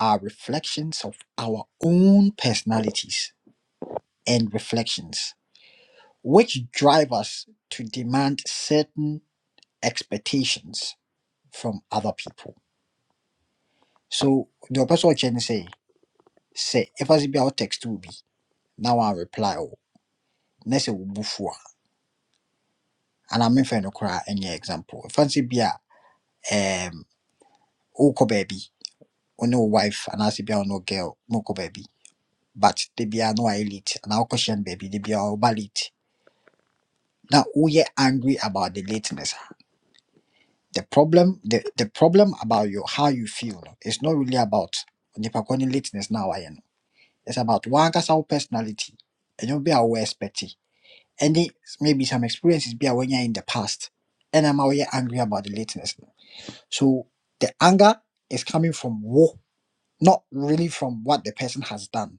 are reflections of our own personalities and reflections, which drive us to demand certain expectations from other people. So the person watching say, say if I see be text will be now I reply oh next will bufua and I'm in for no cry any example. If I see be a um oh baby or no wife and I see be a no girl no baby but they be a no elite, and our question baby they be all late. Now we are angry about the lateness. The problem the, the problem about you how you feel is not really about nipa kɔni lateness now. I know. It's about one cast personality, and you'll be our expecting. And it maybe some experiences be when you're in the past, and I'm always angry about the lateness. So the anger is coming from woe, not really from what the person has done.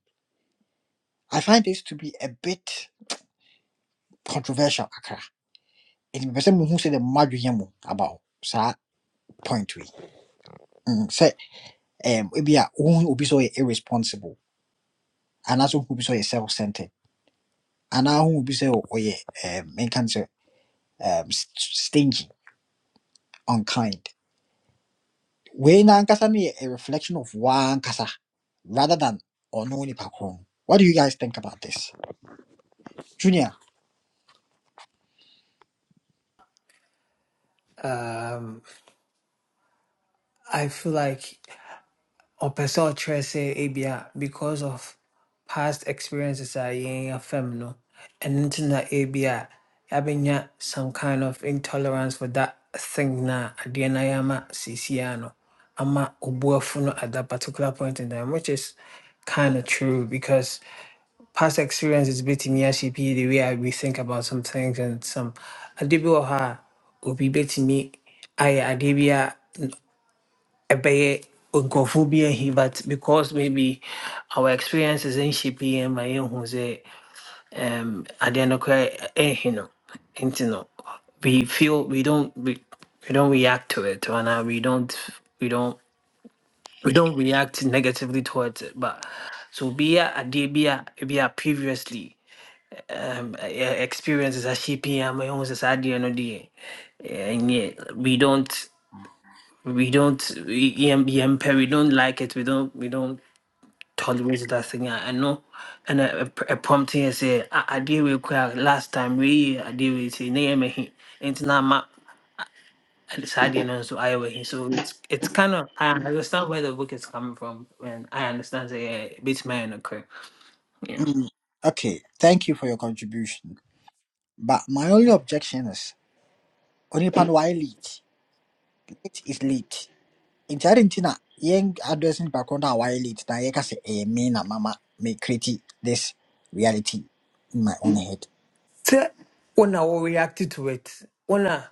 I find this to be a bit controversial. Akra, it person who said the madriyamu about that point we Mm, say um maybe a who will be so irresponsible, and also who will be so self-centered, and now who will be so oh yeah um in can say um, s- stingy, unkind. We nankasa ni a reflection of one kasa rather than ono ni kron. What do you guys think about this, Junior? Um, I feel like. ɔpɛ sɛ ɔkyerɛ sɛ ebia because of past experiences a yɛn afam no ɛno nti na ebia yɛabɛnya some kind of intolerance for that thing na adeɛ na ayɛ ama seesiaa no ama ɔboafo no at that particular point in time which is kind of true because past experiences bɛtumi ahyɛ pii the way a we think about some things and some ade bi wɔ hɔ a obi bɛtumi ayɛ adeɛ bi a ɛbɛyɛ nkurɔfoɔ bi ahi but because maybe our experiences nhyɛ pii ma yɛhu sɛ um, adeɛ no koraa ɛnhi no nti no we feel we don't we, we don't react to it anaa we don't we don't we don't react negatively towards it but so bia adeɛ bi a be a previously eh, eh, experiences as pii ama yɛhu sɛ saa adeɛ no and yeah, we don't we don't we, yeah, yeah, we don't like it we don't we don't tolerate that thing. I, I know, and I, I, I prompt him say, I, I deal with crowd last time, we I deal with it. Name he it's not my side, you know, so I were he. So it's it's kind of I understand where the book is coming from, and I understand that yeah, beats my own occur, you know. Mm, okay, thank you for your contribution. But my only objection is onipa no why late? Late is late. Nti adi nti na address nipa kron na why late na yɛka sɛ ɛyɛ me na mama me create this reality in my own head. So when I will react to it, when I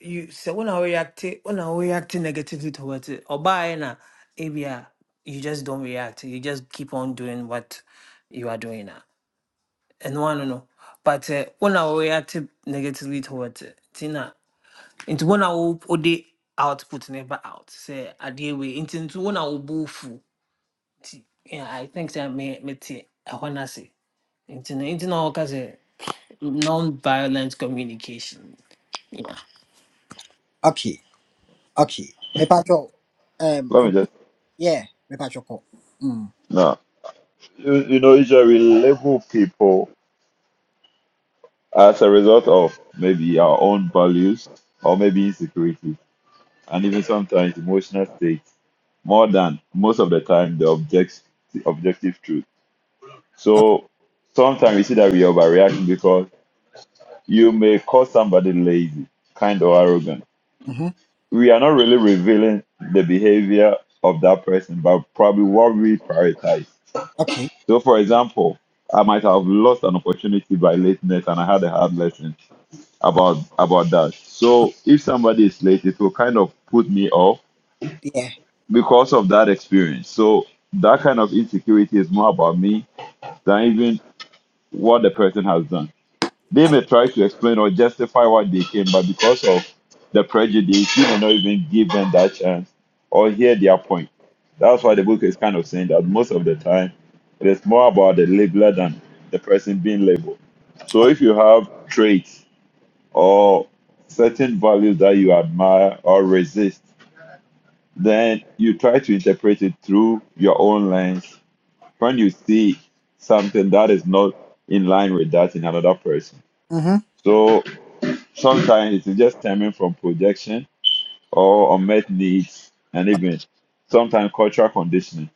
you say when I react when I react negatively towards it, or by now, maybe you just don't react, you just keep on doing what you are doing now. ɛno ano no no. but eh, wo na woreate negatively towards it nti na nti wo na wo- wode output no ba out Say, I deal with into when I wobɔɔ fu yeah, i think that me- mete ɛhɔ no ase nti no into na wɔka sɛ non-violent communication Yeah. Okay, okay. Me pato Let me um. just, Yeah, Rebecca Joko. Mm. no. you, you know, usually we label people as a result of maybe our own values or maybe insecurity and even sometimes emotional states more than most of the time the object, objective truth. Okay. So sometimes we see that we overreact because you may call somebody lazy, kind or arrogant. Mm-hmm. We are not really revealing the behavior of that person, but probably what we prioritize. Okay. So, for example, I might have lost an opportunity by lateness and I had a hard lesson about about that. So if somebody is late, it will kind of put me off Yeah. because of that experience. So that kind of insecurity is more about me than even what the person has done. They Uh, may try to explain or justify what they came, but because of the prejudice, you may not even give them that chance or hear their point. That's why the book is kind of saying that most of the time it is more about the labeler than the person being labeled. So if you have traits or certain values that you admire or resist, then you try to interpret it through your own lens when you see something that is not in line with that in another person. Mm-hmm. So sometimes it's just stemming from projection or unmet needs and Uh, even sometimes cultural conditioning,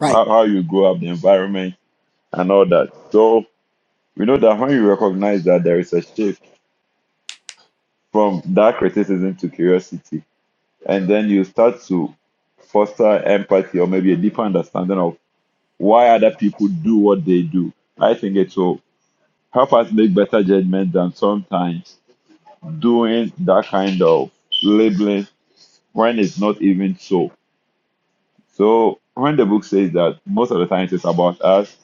Right. how, how you grow up, the environment, and all that. So we know that when you recognize that there is a shift from that criticism to curiosity, and then you start to foster empathy or maybe a deeper understanding of why other people do what they do. I think it will help us make better judgment than sometimes doing that kind of labeling when it's not even so. So when the book says that most of the times it's about us,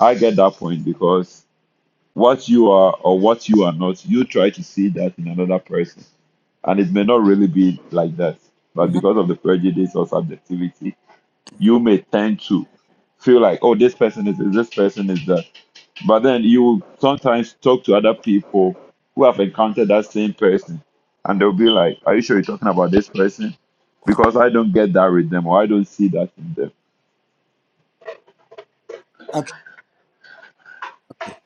I get that point because what you are or what you are not, you try to see that in another person. And it may not really be like that. But Mm-hmm. because of the prejudice or subjectivity, you may tend to feel like, oh, this person is this, this person is that. But then you will sometimes talk to other people who have encountered that same person, and they'll be like, are you sure you're talking about this person? Because I don't get that with them, or I don't see that in them. Okay. Okay.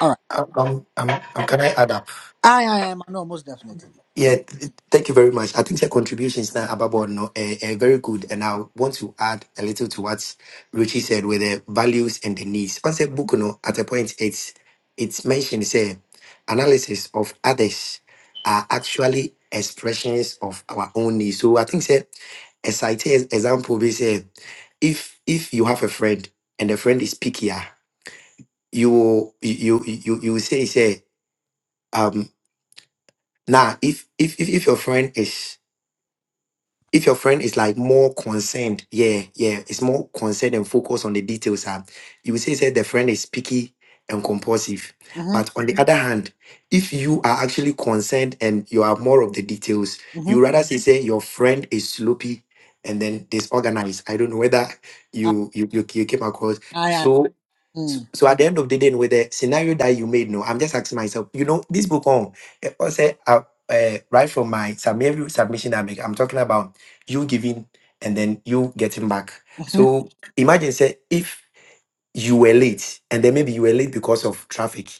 All right. um, um, um, um, can I add up? I, I am. I know most definitely. Yeah, th- thank you very much. I think your contributions now, Ababo, no, are, are very good. And I want to add a little to what Ruchi said with the values and the needs. On the book, no, at a point, it's it's mentioned, say, analysis of others are actually expressions of our own needs. So I think, say, a site example, we say, if if you have a friend and the friend is pickier, you will- you you you you will say, say, um, now, if if if if your friend is if your friend is like more concerned, yeah, yeah, it's more concerned and focused on the details. Ah, you will say, say the friend is picky and compulsive. Mm-hmm. But on the Mhm. other hand, if you are actually concerned and you are more of the details, Mm-hmm. you rather say, say your friend is sloppy and then disorganized. I don't know whether I, you you you, you came across. I am. So so, Mm. so at the end of the day, with the scenario that you made, no, I'm just asking myself, you know, this book on, eh, I say, uh, uh, right from my sub- every submission I make, I'm talking about you giving and then you getting back. Mm-hmm. So imagine say if you were late and then maybe you were late because of traffic.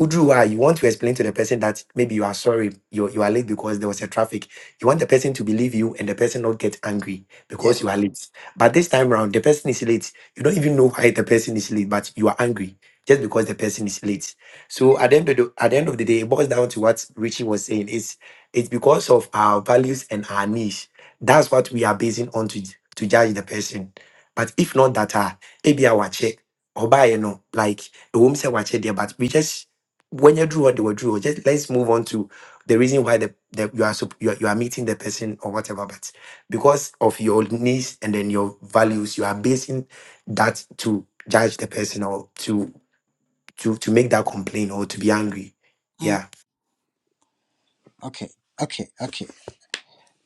Udru, why you want to explain to the person that maybe you are sorry, you, you are late because there was a traffic. You want the person to believe you and the person not get angry because Yes. you are late. But this time around, the person is late. You don't even know why the person is late, but you are angry just because the person is late. So at the end of the at the end of the day, it boils down to what Richie was saying. It's it's because of our values and our niche. That's what we are basing on to, to judge the person. But if not that, uh, maybe I watch it or buy, you know, like the woman said, watch it there, but we just when you drew what they were drew, just let's move on to the reason why the, the you are sup- you are, you are meeting the person or whatever, but because of your needs and then your values, you are basing that to judge the person or to to to make that complaint or to be angry. Mm. Yeah. Okay. Okay. Okay.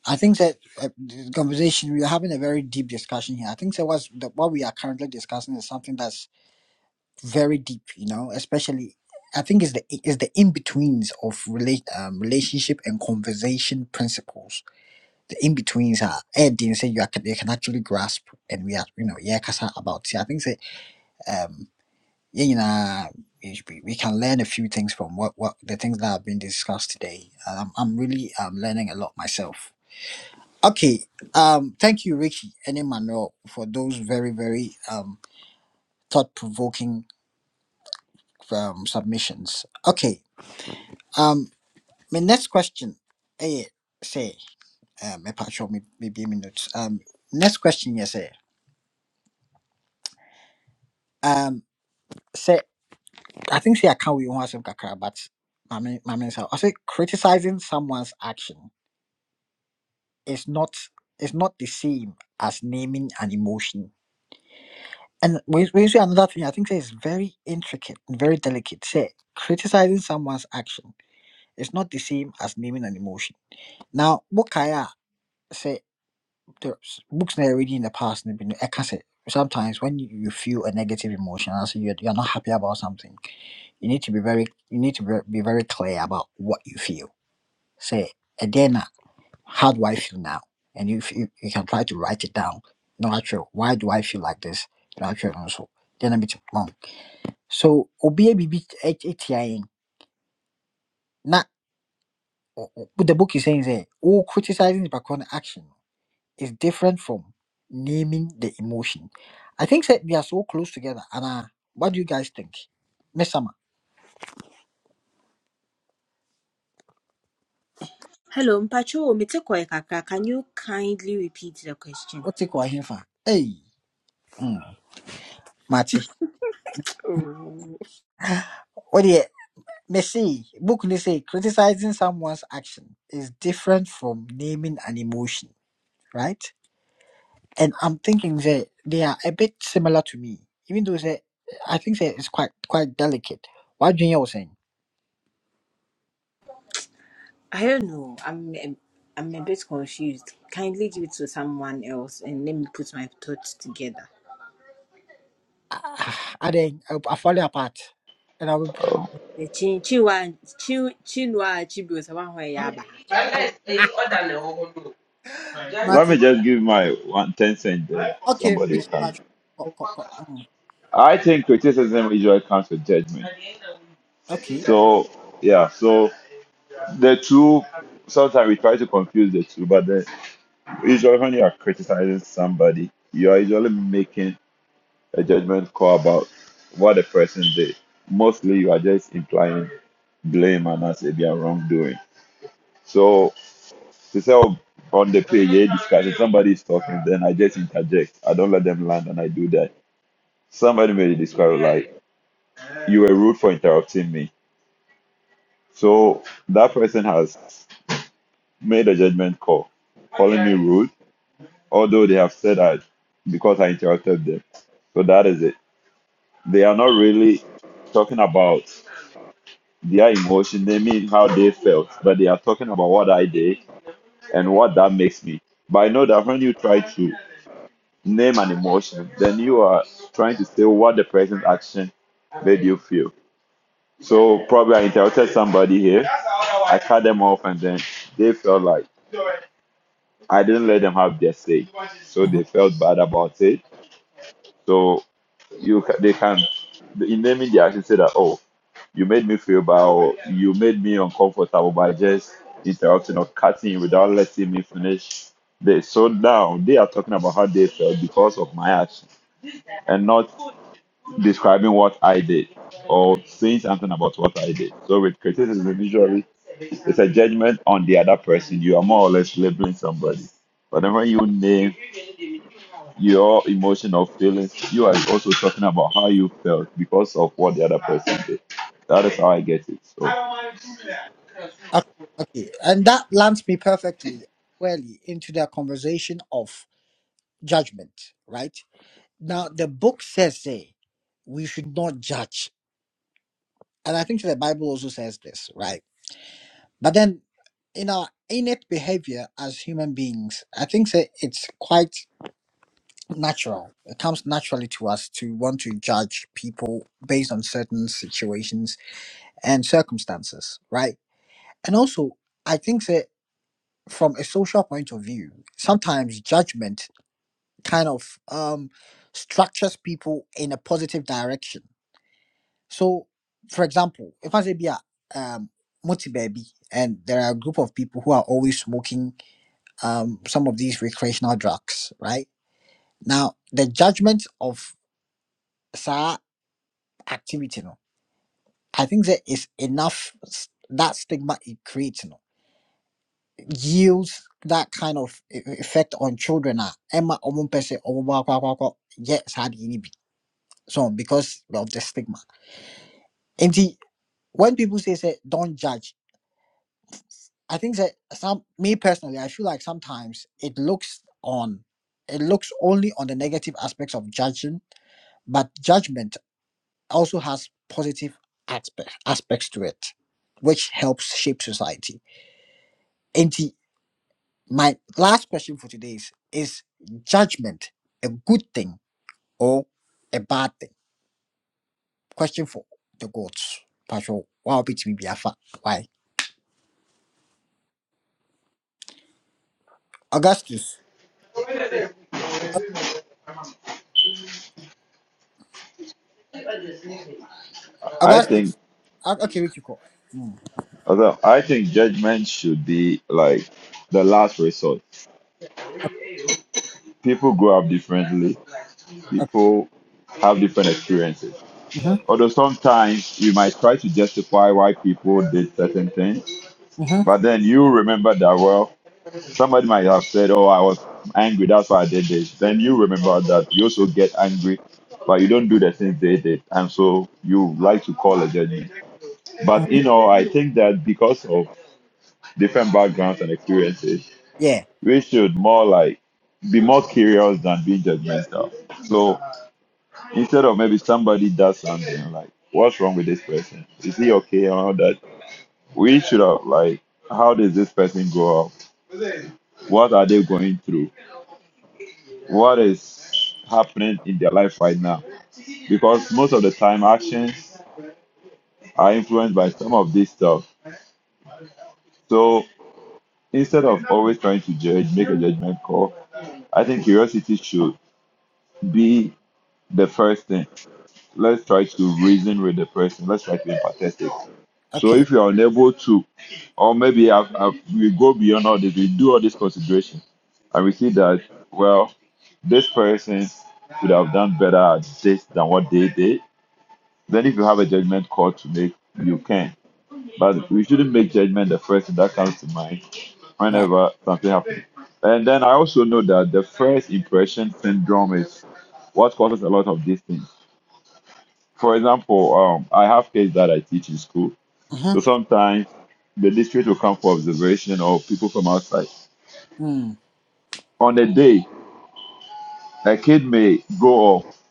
I think that uh, the conversation we are having a very deep discussion here. I think that what's the, what we are currently discussing is something that's very deep. You know, especially. I think it's the it's the in betweens of relate um, relationship and conversation principles the in betweens are adding say you are, you can actually grasp and we are you know yeah kasa about see I think say um yeah you know we we can learn a few things from what what the things that have been discussed today. Um, I'm really um learning a lot myself. Okay, um thank you Ricky and Emmanuel for those very very um thought provoking um submissions. Okay, um my next question eh say um me patch me me me notes um next question yes eh um. Say. I think say I can't we want some kakra, but my mami mami I say criticizing someone's action is not is not the same as naming an emotion. And we we see another thing I think say is very intricate and very delicate. Say criticizing someone's action is not the same as naming an emotion. Now what Kaya say the books that I reading in the past and been I can say sometimes when you you feel a negative emotion and say you're, you're not happy about something you need to be very you need to be be very clear about what you feel Say, and then uh, how do I feel now? And you, you you can try to write it down. No, actually, why do I feel like this? No, actually, also then I'm a bit wrong. So obi a bibi etiaing na o- o- what the book is saying is oh criticizing the background action is different from naming the emotion. I think that they are so close together. And uh, what do you guys think, Miss Summer? Hello, Mpacho, Mete Koe Kaka. Can you kindly repeat the question? What's it called? Hey, mm, Marty. what do you? Messi, book ni say criticizing someone's action is different from naming an emotion, right? And I'm thinking that they are a bit similar to me, even though say I think that it's quite quite delicate. What Junior was saying, I don't know. I'm I'm I'm a bit confused. Kindly give it to someone else and let me put my thoughts together. I, I then I, I fall apart, and I will. put- Eh, Chi- Chinua Chi- Chinua Achebe was the one who I had. Let me Martin, just give my one ten cent there. okay, Somebody will Richie come. Patrick, co- co- co- mm, I think criticism usually comes with judgment. okay, So yeah, so the two sometimes we try to confuse the two, but the Usually, when you are criticizing somebody, you are usually making a judgment call about what the person did. Mostly, you are just implying blame and as if they are wrongdoing. So, to say "Oh, on the page, yeah, discuss if somebody is talking, then I just interject. I don't let them land, and I do that. Somebody made a discovery like you were rude for interrupting me. So that person has made a judgment call, calling me rude, although they have said that because I interrupted them. So that is it. They are not really talking about their emotion. They mean how they felt, but they are talking about what I did and what that makes me. But I know that when you try to name an emotion, then you are trying to say what the present action made you feel. So probably I interrupted somebody here. I cut them off, and then they felt like I didn't let them have their say, so mhm, they felt bad about it. So you ca- they can in naming the action say that oh. You made me feel bad. You made me uncomfortable by just interrupting or cutting you without letting me finish this. So now they are talking about how they felt because of my action and not describing what I did or saying something about what I did. So with criticism, usually it's a judgment on the other person. You are more or less labeling somebody. Whenever you name your emotion or feelings, you are also talking about how you felt because of what the other person did. That is how I get it. So okay, okay, and that lands me perfectly, squarely into the conversation of judgment, right? Now, the book says, say, we should not judge. And I think the Bible also says this, right? But then in our innate behavior as human beings, I think that it's quite natural. It comes naturally to us to want to judge people based on certain situations and circumstances, right? And also, I think that from a social point of view, sometimes judgment kind of um, structures people in a positive direction So, for example, if I say be a um multi baby, and there are a group of people who are always smoking um some of these recreational drugs, right? Now, the judgment of sa activity, no, I think there is enough s- that stigma it creates, no, yields that kind of e- e- effect on children. Ah, Emma, omo pese omo ba kwa kwa kwa. Yes, had ini be So because of the stigma. And when people say say don't judge. I think that some me personally, I feel like sometimes it looks on it looks only on the negative aspects of judging, but judgment also has positive aspect, aspects to it, which helps shape society. And the, my last question for today is is judgment a good thing or a bad thing? Question for the gods. Patrol. Wow, bitch, me be a fa- Why? Augustus. I think Augustus. Ah, Okay, Richiko. Okay. although I think judgment should be like the last resort. People grow up differently Mm-hmm. people have different experiences. Mm-hmm. Although sometimes you might try to justify why people did certain things, Mm-hmm. but then you remember that, well, somebody might have said, Oh, I was angry, that's why I did this. Then you remember that you also get angry, but you don't do the things they did. And so you like to call a judgment. But you know, I think that because of different backgrounds and experiences, Yeah. we should more like be more curious than being judgmental. So Instead of maybe somebody does something like, what's wrong with this person? Is he okay and all that? We should have like, how does this person grow up? What are they going through? What is happening in their life right now? Because most of the time actions are influenced by some of this stuff. So instead of always trying to judge, make a judgment call, I think curiosity should be the first thing Let's try to reason with the person. Let's try to be empathetic. So Okay. if you are unable to, or maybe i we go beyond all this, we do all this consideration, and we see that well, this person could have done better at this than what they did. Then if you have a judgment call to make, you can. But we shouldn't make judgment the first thing that comes to mind Right. whenever something happens. And then I also know that the first impression syndrome is what causes a lot of these things for example, um, I have kids that I teach in school. So Mm-hmm. sometimes the district will come for observation or people from outside. Mm. On a day, a kid may go off.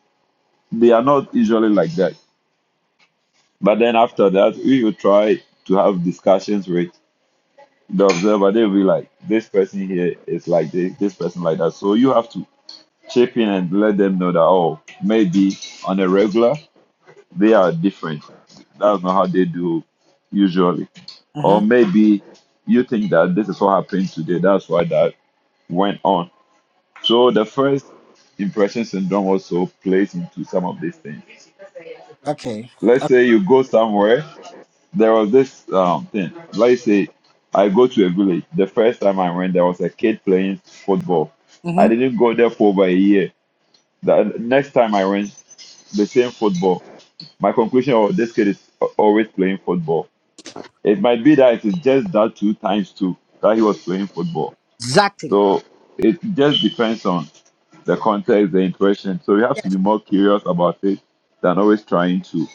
They are not usually like that. But then after that, we will try to have discussions with the observer. They'll be like, this person here is like this, this person like that. So you have to chip in and let them know that, oh, maybe on a regular. They are different. That's not how they do usually. Mm-hmm. Or maybe you think that this is what happened today. That's why that went on. So the first impression syndrome also plays into some of these things. Okay. Let's Uh, say you go somewhere. There was this um, thing. Let's say I go to a village. The first time I went, there was a kid playing football. Mm-hmm. I didn't go there for over a year. The next time I went, the same football. My conclusion of this kid is a- always playing football. It might be that it is just that two times two that he was playing football. Exactly. So it just depends on the context, the impression. So you have to Yes. be more curious about it than always trying to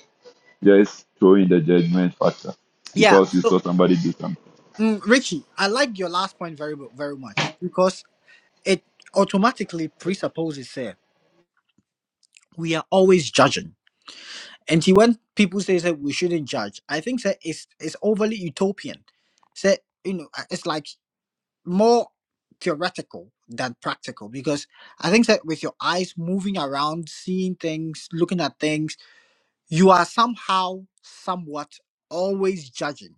just throw in the judgment factor Yeah. because you So, saw somebody do something. mm, Richie, I like your last point very, mu- very much because it automatically presupposes that we are always judging. And see, when people say that we shouldn't judge, I think that it's it's overly utopian. So you know, uh, it's like more theoretical than practical because I think that with your eyes moving around, seeing things, looking at things you are somehow somewhat always judging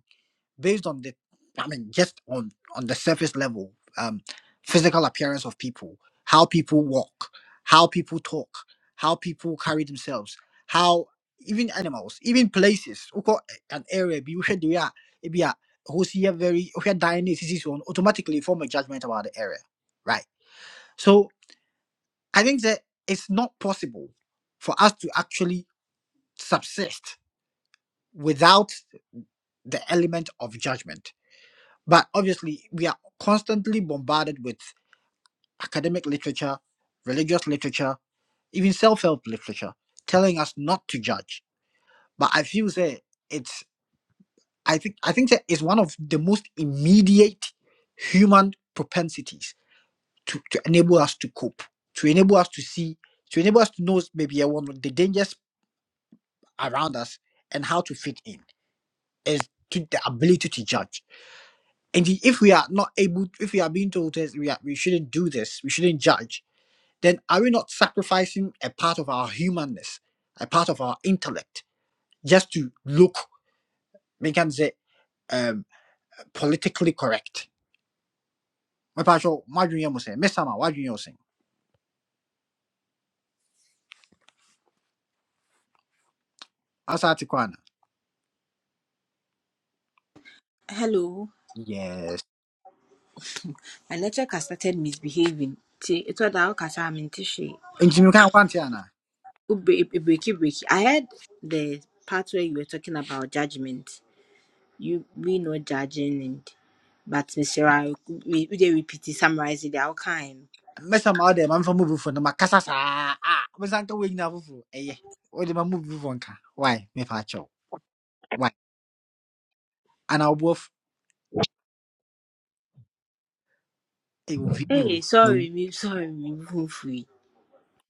based on the i mean just on on the surface level um physical appearance of people how people walk how people talk how people carry themselves how even animals even places wokɔ an area bi wohwɛ deɛ a ebi a ɛhɔ si very wohwɛ dan ne sisi so no automatically form a judgment about the area right so i think that it's not possible for us to actually subsist without the element of judgment. But obviously, we are constantly bombarded with academic literature, religious literature, even self-help literature, telling us not to judge. But I feel say it's I think I think that is one of the most immediate human propensities to, to enable us to cope, to enable us to see, to enable us to know maybe eh, one of the dangers around us and how to fit in is to the ability to judge And if we are not able, if we are being told this, we, are, we shouldn't do this, we shouldn't judge, then are we not sacrificing a part of our humanness, a part of our intellect, just to look, make and say, um, politically correct? My sure, wadu nye mo se, mesa ma, wadu nye o se. Asa ati kwa na? Hello. Yes. My network has started misbehaving. See, it was that I'm Nti mi kan kwanti ana. Oh, eh, breaky breaky. I heard the part where you were talking about judgment. You we know judging and but Mr. I we we dey repeat it, summarize it, our kind. Mesa ma ode, mamfa mubu fo, na makasa saa, ah, mesa nka wengi na fufu, eye. Ode ma mubu fo Why, mepa sure? Why? Ana obuof, eh, Hey, view, sorry, me sorry, me hopefully.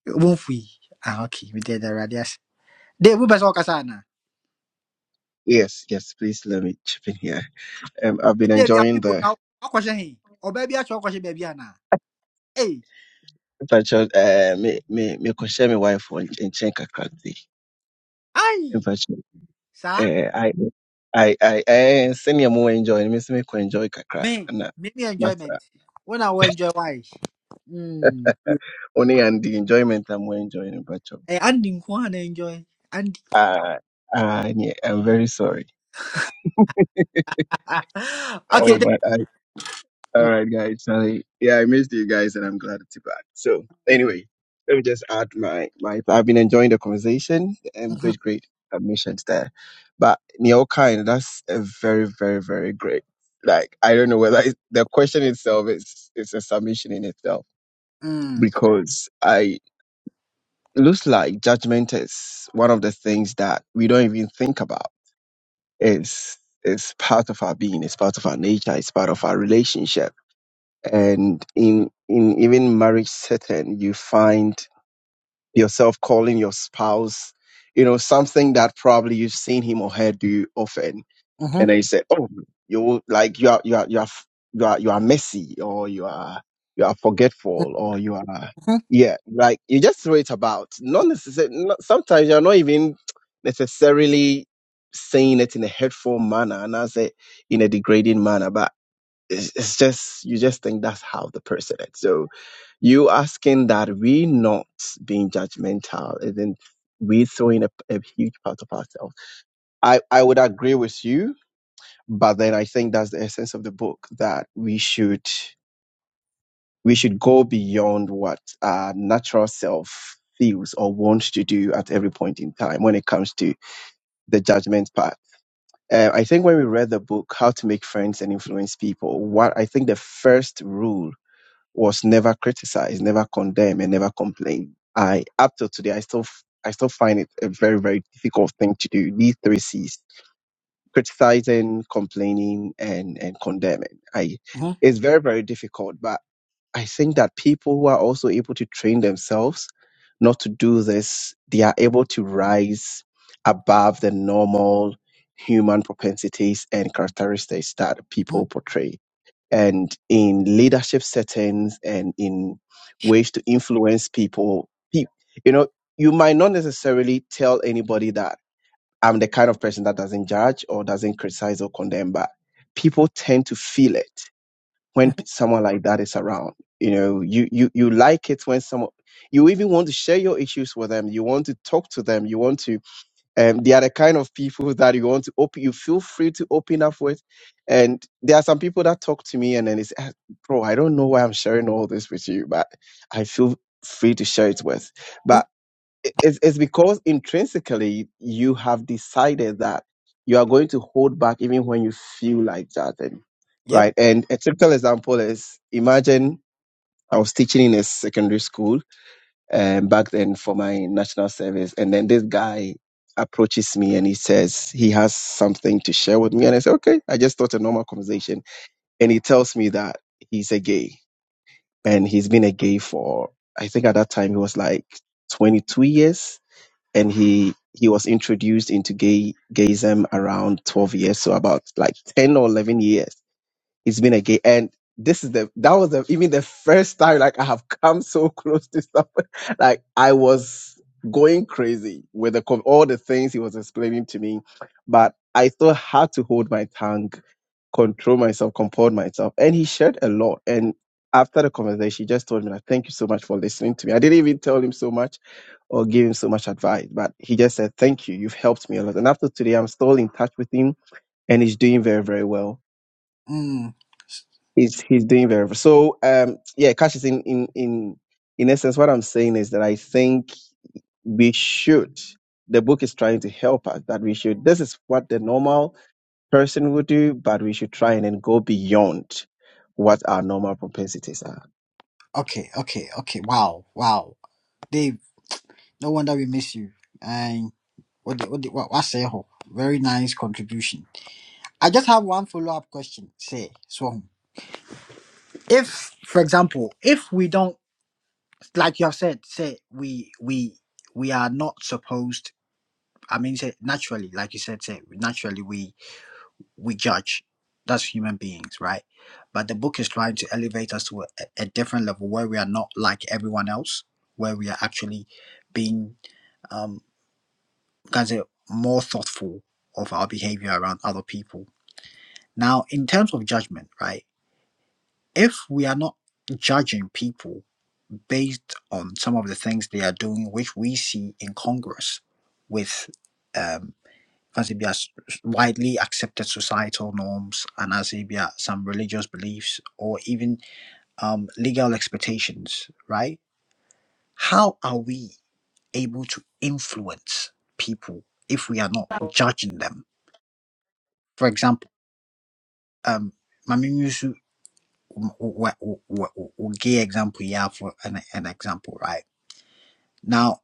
Won't we? ah okay We did the radius. da awurade ase de wopɛ sɛ wɔkasa anaa Yes, yes, please let me chip in here. Um, I've been de bi afe enjoying wo the na wakɔhyɛ he ɔbaa bi akyɛ wɔkɔhyɛ baabi anaa Hey, virtual, uh, me, me, me, ko share my wife on in Chenka Kranti. In aye. fact, Sir, Uh, I, I, I, I, senior more enjoying, miss me, ko enjoy kakra, me and uh, me ne master. enjoyment When I will enjoy why Hmm. Only and the enjoyment I'm more enjoying in virtual. eh andi nko and na enjoy andi Uh, uh. yeah, I'm very sorry. okay de All mm right, guys. Sorry. Yeah, I missed you guys, and I'm glad to be back. So, mm anyway, let me just add my my. I've been enjoying the conversation. Um, mhm, great, great admissions there, but Neil Kind, that's a very, very, very great. Like, I don't know whether it's, the question itself is is a submission in itself mm because I looks like judgment is one of the things that we don't even think about. It's it's part of our being. It's part of our nature. It's part of our relationship and in in even marriage setting you find yourself calling your spouse you know something that probably you've seen him or her do often mhm, and then you say oh you like you are you are you are f- you are, you are messy or you are you are forgetful or you are mhm, yeah like you just throw it about not necessarily sometimes you're not even necessarily saying it in a hurtful manner and i say in a degrading manner but it's it's just you just think that's how the person is. So you asking that we not being judgmental isn't we throwing a, a huge part of ourselves. I I would agree with you, but then I think that's the essence of the book that we should we should go beyond what our natural self feels or wants to do at every point in time when it comes to the judgment part. Uh, I think when we read the book, How to Make Friends and Influence People, what I think the first rule was never criticized, never condemned, and never complained. I up till today, I still f- I still find it a very very difficult thing to do. These three C's: criticizing, complaining, and and condemning. I mhm, it's very very difficult, but I think that people who are also able to train themselves not to do this, they are able to rise above the normal human propensities and characteristics that mhm, people portray and in leadership settings and in ways to influence people. Pe- You know, you might not necessarily tell anybody that I'm the kind of person that doesn't judge or doesn't criticize or condemn, but people tend to feel it when p- someone like that is around. You know, you you you like it when someone you even want to share your issues with them. You want to talk to them. You want to um, they are the kind of people that you want to open you feel free to open up with and there are some people that talk to me and then it's "Ah, bro i don't know why i'm sharing all this with you but i feel free to share it with mhm. but i- it's, it's because intrinsically you have decided that you are going to hold back even when you feel like that and yep right and a typical example is imagine i was teaching in a secondary school um, back then for my national service. And then this guy approaches me and he says he has something to share with me. And I say, okay, I just thought a normal conversation. And he tells me that he's a gay and he's been a gay for, I think at that time he was like 22 years and he, he was introduced into gay gayism around 12 years. So about like 10 or 11 years it's been a gay, and this is the that was the, even the first time like I have come so close to something. Like I was going crazy with the, com- all the things he was explaining to me, but I still had to hold my tongue, control myself, comport myself, and he shared a lot. And after the conversation, he just told me, like, "Thank you so much for listening to me." I didn't even tell him so much or give him so much advice, but he just said, "Thank you, you've helped me a lot." And after today, I'm still in touch with him, and he's doing very, very well mm he's he's doing very well. So um yeah, Cash is in in in in essence what I'm saying is that I think we should the book is trying to help us that we should this is what the normal person would do, but we should try and then go beyond what our normal propensities are. okay okay okay wow wow dave no wonder we miss you What the, what the, what, what say ho? Very nice contribution. I just have one follow up question. Say, so if, for example, if we don't, like you have said, say we we we are not supposed. I mean, say naturally, like you said, say naturally we we judge. That's human beings, right? But the book is trying to elevate us to a, a different level where we are not like everyone else, where we are actually being, um, can I say, more thoughtful of our behavior around other people Now, in terms of judgment, right? If we are not judging people based on some of the things they are doing, which we see in Congress with um, as widely accepted societal norms and as it be some religious beliefs or even um, legal expectations, right? How are we able to influence people if we are not judging them? For example, um, Mami Yusu we'll give example here for an, an example right now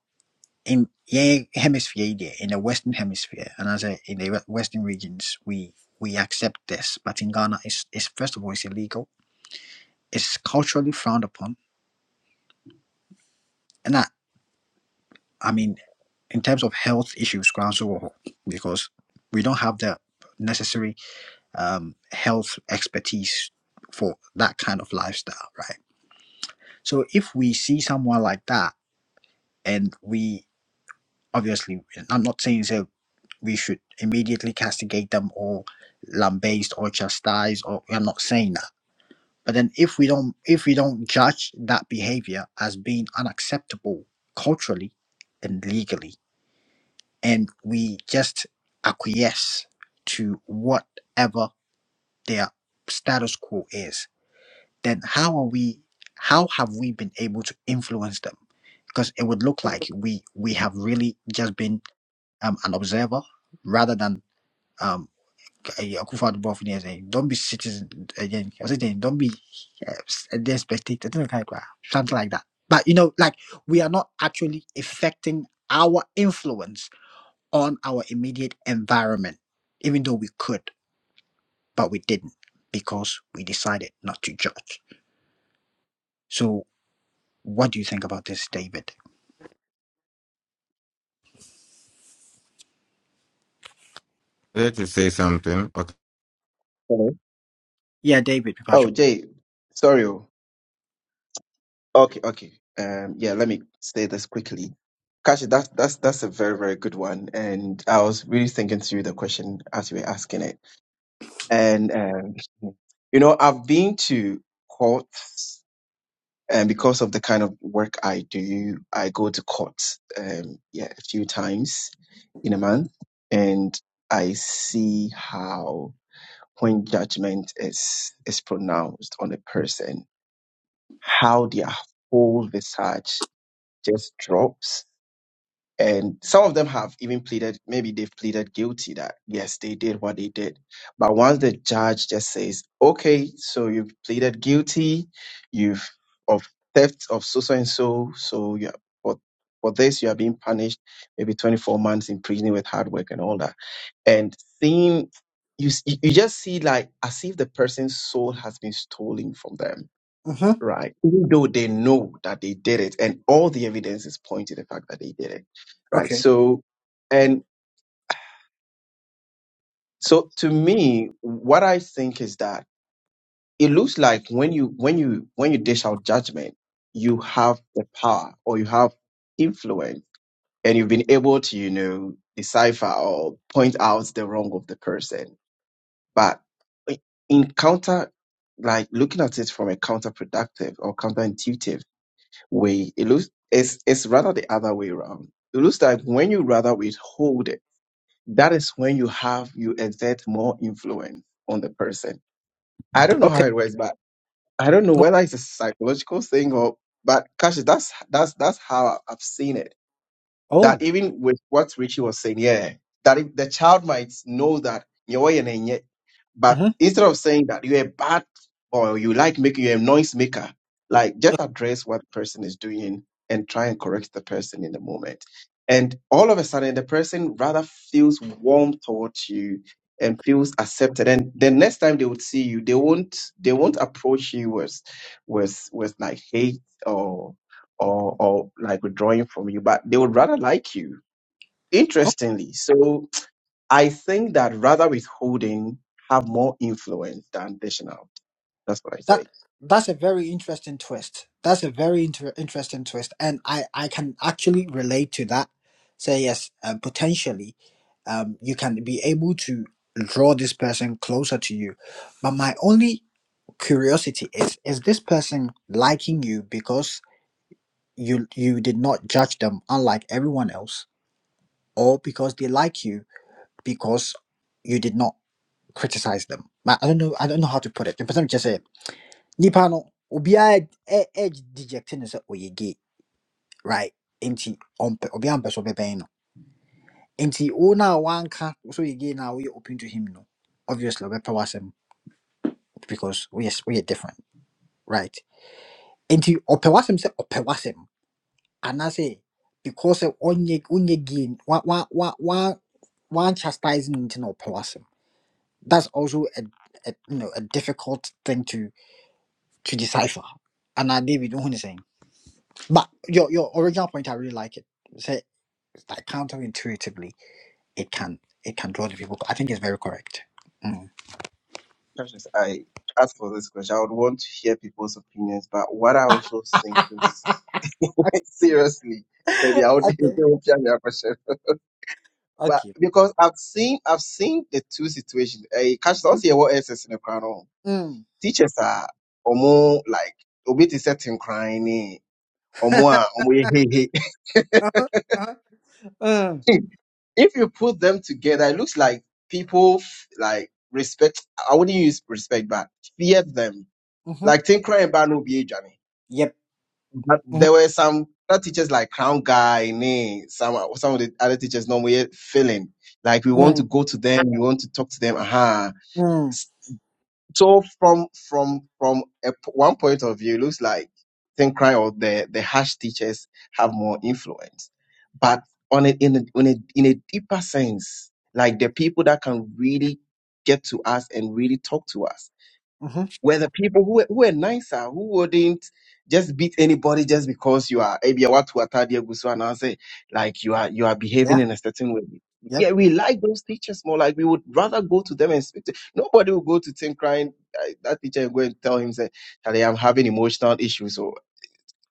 in the hemisphere yi in the western hemisphere and as I in the western regions we we accept this but in ghana it's, it's first of all it's illegal it's culturally frowned upon and i i mean in terms of health issues grounds over because we don't have the necessary um health expertise for that kind of lifestyle right so if we see someone like that and we obviously i'm not saying so we should immediately castigate them or lambaste or chastise or i'm not saying that but then if we don't if we don't judge that behavior as being unacceptable culturally and legally and we just acquiesce to whatever their status quo is then how are we how have we been able to influence them because it would look like we we have really just been um, an observer rather than um a- a Akufo-Addo Boafin saying, don't be citizen again. I was saying, don't be uh, s- a dead spectator, something like that. Something like that. But you know, like we are not actually affecting our influence on our immediate environment, even though we could, but we didn't because we decided not to judge. So, what do you think about this, David? I wanted to say something. Okay. Hello? Yeah, David, Pipacho. Oh Jay, sorry. oh. Okay, okay. Um, yeah, let me say this quickly. Kashi, that's that's that's a very, very good one. And I was really thinking through the question as you were asking it. And um, you know, I've been to courts and because of the kind of work I do, I go to courts um yeah, a few times in a month and I see how when judgment is is pronounced on a person, how their whole visage just drops. And some of them have even pleaded, maybe they've pleaded guilty that yes, they did what they did. But once the judge just says, okay, so you've pleaded guilty, you've of theft of so so and so, so you are- for for this you are being punished, maybe 24 months in prison with hard work and all that. And seeing you, s- you you just see like as if the person's soul has been stolen from them Mm-hmm. right? Even though they know that they did it, and all the evidences point to the fact that they did it, right? Okay. So, and so to me, what I think is that it looks like when you when you when you dish out judgment, you have the power or you have influence, and you've been able to you know decipher or point out the wrong of the person, but in counter like looking at it from a counterproductive or counterintuitive way. It looks it's it's rather the other way around. It looks like when you rather withhold it, that is when you have you exert more influence on the person. I don't know how Okay. it works, but I don't know whether it's a psychological thing or but gosh, that's that's that's how I've seen it Oh. that even with what Richie was saying, yeah, that if the child might know that you're a nenye, but instead of saying that you're a bad or you like making you're a noise maker, like just address what the person is doing and try and correct the person in the moment. And all of a sudden, the person rather feels warm towards you and feels accepted. And the next time they would see you, they won't they won't approach you with with with like hate or or like withdrawing from you, but they would rather like you. Interestingly, so I think that rather withholding have more influence than dishing out. That's what I That say. that's a very interesting twist. That's a very inter- interesting twist, and I I can actually relate to that. Say yes, uh, potentially, um, you can be able to draw this person closer to you. But my only curiosity is: is this person liking you because you you did not judge them, unlike everyone else, or because they like you because you did not criticize them? I I don't know. I don't know how to put it. The percentage nipa no obiara ɛ- ɛgye deject ne sɛ ɔyɛ gay right nti ɔmpɛ obiara mpɛ so ɔbɛbɛn no nti wo na wanka so yɛ gay na woyɛ open to him no obviously ɔbɛpɛ w'asɛm because woyɛ s- woyɛ different right nti ɔpɛ w'asɛm sɛ ɔpɛ w'asɛm anaasɛ because sɛ ɔnyɛ wonyɛ gay n- wa wa wa wa wan chastise no nti na ɔpɛ w'asɛm that's also a, a you know a difficult thing to to decipher anaa david wohu ne sɛn But your your original point, I really like it. Say like counterintuitively, it can it can draw the people. I think it's very correct. Mm. Precious, I asked for this question. I would want to hear people's opinions, but what I also think is seriously, maybe I would need to okay. hear your question. But Okay. because I've seen I've seen the two situations. I catch don't see what else is in the crown. oh. Mm. Teachers are omo like obi to certain crying omo a omo hey uh-huh. Uh-huh. Mm. hey. If you put them together, it looks like people f- like respect. I wouldn't use respect, but fear them. Mm-hmm. Like think crying about no be Johnny. Yep. But there Mm-hmm. were some other teachers like crown guy, nee, some some of the other teachers normally feeling like we want Mm. to go to them, we want to talk to them. Aha Mm. so from from from a p one point of view, it looks like Thinkrai or the the harsh teachers have more influence, but on a, in a, in a in a deeper sense, like the people that can really get to us and really talk to us Mm-hmm. were the people who were, who were nicer, who wouldn't just beat anybody just because you are maybe what and I say like you are you are Yeah. behaving in a certain way. Yep. Yeah, we like those teachers more. Like we would rather go to them and speak to. Nobody will go to Tim crying. uh, That teacher and go and tell him say, "Charlie, I'm having emotional issues." oh."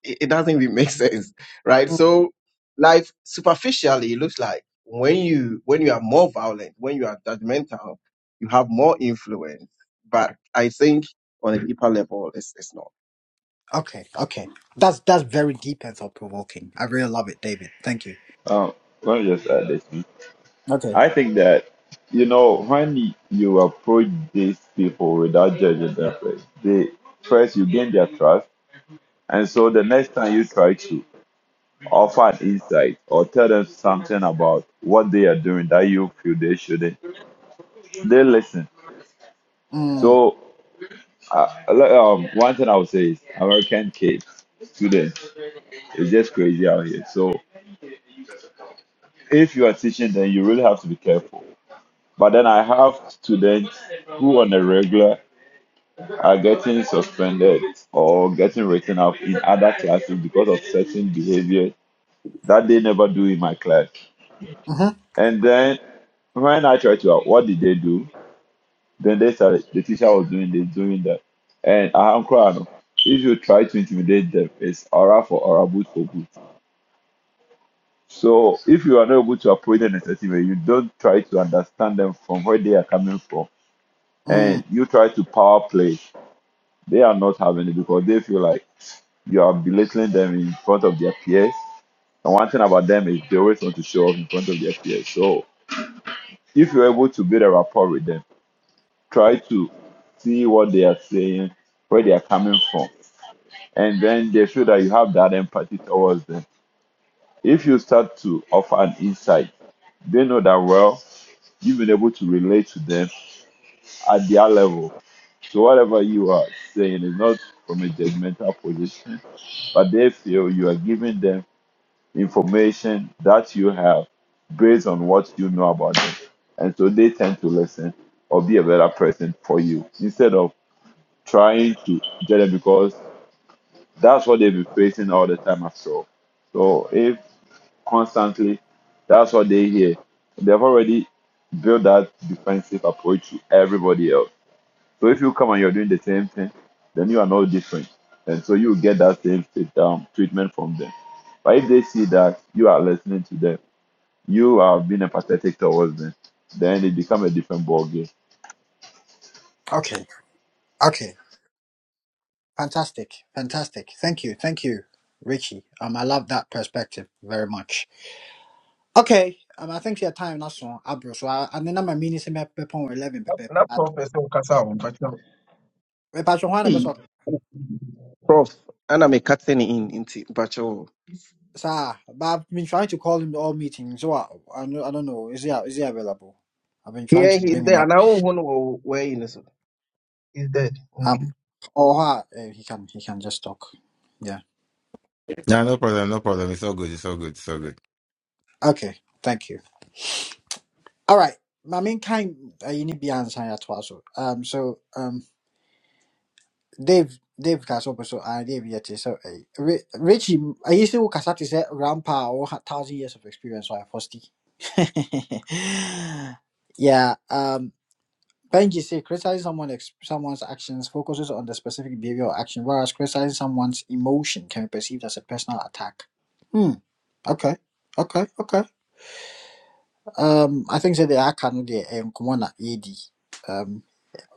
It, it doesn't even make sense, right? Mm. So life superficially looks like when you when you are more violent, when you are judgmental, you have more influence. But I think on a deeper level, it's it's not. Okay. Okay. That's that's very deep and thought provoking. I really love it, David. Thank you. Um, let me just add this. hmm. Okay. I think that, you know, when you approach these people without judging them, first, they first you gain their trust And so the next time you try to offer an insight or tell them something about what they are doing that you feel they shouldn't, they listen. Mm. So, uh, like, um, one thing I would say is American kids, students, it's just crazy out here. So, if you are teaching, then you really have to be careful. But then I have students who, on a regular, are getting suspended or getting written up in other classes because of certain behavior that they never do in my class. Mm-hmm. And then when I tried to uh, what did they do? Then they said the teacher was doing this, doing that. And I'm crying. If you try to intimidate them, it's aura for aura, boot for boot. So if you are not able to approach them in a certain way, you don't try to understand them from where they are coming from, Mm. and you try to power play, they are not having it because they feel like you are belittling them in front of their peers. And one thing about them is they always want to show off in front of their peers. So if you're able to build a rapport with them, try to see what they are saying, where they are coming from, and then they feel that you have that empathy towards them. If you start to offer an insight, they know that well, you've been able to relate to them at their level. So whatever you are saying is not from a judgmental position, but they feel you are giving them information that you have based on what you know about them. And so they tend to listen or be a better person for you instead of trying to get them because that's what they've been facing all the time after all. So if constantly that's what they hear, they've already built that defensive approach to everybody else. So if you come and you're doing the same thing, then you are no different. And so you get that same sit down treatment from them. But if they see that you are listening to them, you are being empathetic towards them, then it becomes a different ballgame. Okay. Okay. Fantastic. Fantastic. Thank you. Thank you, Richie. Um, I love that perspective very much. Okay. Um, I think your time that's on Abro. So I and then I'm a mini pepon eleven pepe. na na professor kasa o mpacho Repatriate one Hey, episode. Prof, ana me cutting in into Bacho. Sir, But I've been trying to call him to all meetings. So I, I don't I don't know. Is he is he available? I've been trying Yeah, to he's bring him there. And up. I don't know where he is. He's dead. Um or uh, he can he can just talk. Yeah. No, no problem. No problem. It's all good. It's all good. It's all good. Okay. Thank you. All right. My main kind uh, you need be answering at also. Um so um Dave Dave kasa ɔpɛ so ah Dave yɛ te sɛ ɛyi Ri- Richie ayi sɛ wo kasa te sɛ grandpa or a ɔwɔ thousand years of experience wɔ fosti. yeah, um, Benji say criticizing someone ex- someone's actions focuses on the specific behavior or action, whereas criticizing someone's emotion can be perceived as a personal attack. Hmm. Okay. Okay. Okay. Um, I think that they are kind of the um, Kumona on, AD.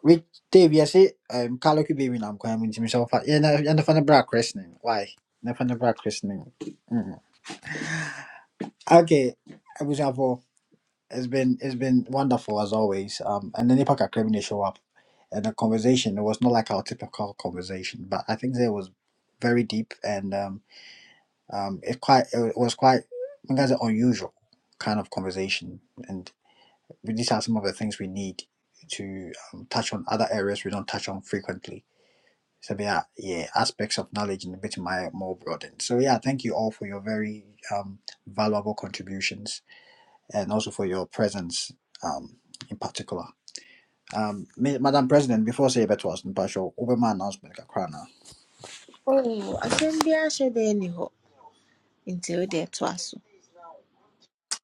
Wait, Dave, you say um Kaloku baby nam kwa mti himself. Yeah, na na fana bra christening. Why? Na fana bra christening. Mm. Okay, Abusafo, it's been it's been wonderful as always. Um and then Ipaka Kremini show up and the conversation it was not like our typical conversation, but I think there was very deep and um um it quite it was quite I think that's an unusual kind of conversation and these are some of the things we need to um, touch on other areas we don't touch on frequently So yeah, yeah, aspects of knowledge in a bit my more broadened. So yeah, thank you all for your very um, valuable contributions and also for your presence um, in particular. Um, Ma- Madam President, before say that was impartial, over my announcement, Kakrana. Oh, asɛm biara hyɛ da nni hɔ nti wode ɛtoa so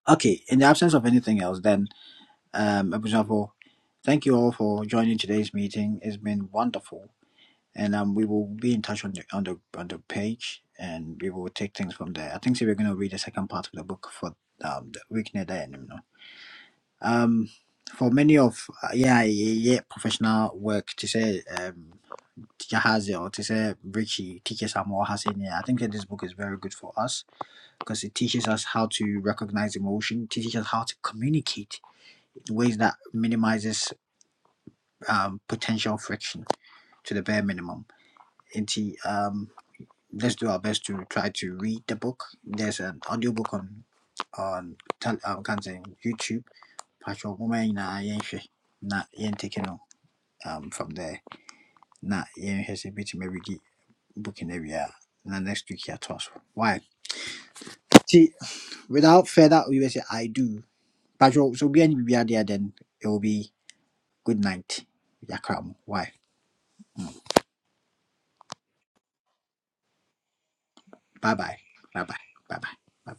Okay, in the absence of anything else, then, um, Abu Jafo, thank you all for joining today's meeting. It's been wonderful and um, we will be in touch on the on the on the page, and we will take things from there. I think so we're going to read the second part of the book for um, the week near the end. You know, um, for many of uh, yeah yeah yeah, professional work to say um teacher has it or to say Richie teaches her more has it. Yeah, I think that this book is very good for us because it teaches us how to recognize emotion, teaches us how to communicate in ways that minimizes um potential friction to the bare minimum. Into um. let's do our best to try to read the book. There's an audiobook on on tel- um, can't say YouTube. Patrick woman na yenhwe na yen take no um from there. Na yenhwe se bit maybe book in area. Na next week here to us. Why? See, without further ado, we will say I do. Patrick so be any be there then it will be good night. Yakram. Why? Bye bye. Bye bye. Bye bye. Bye bye.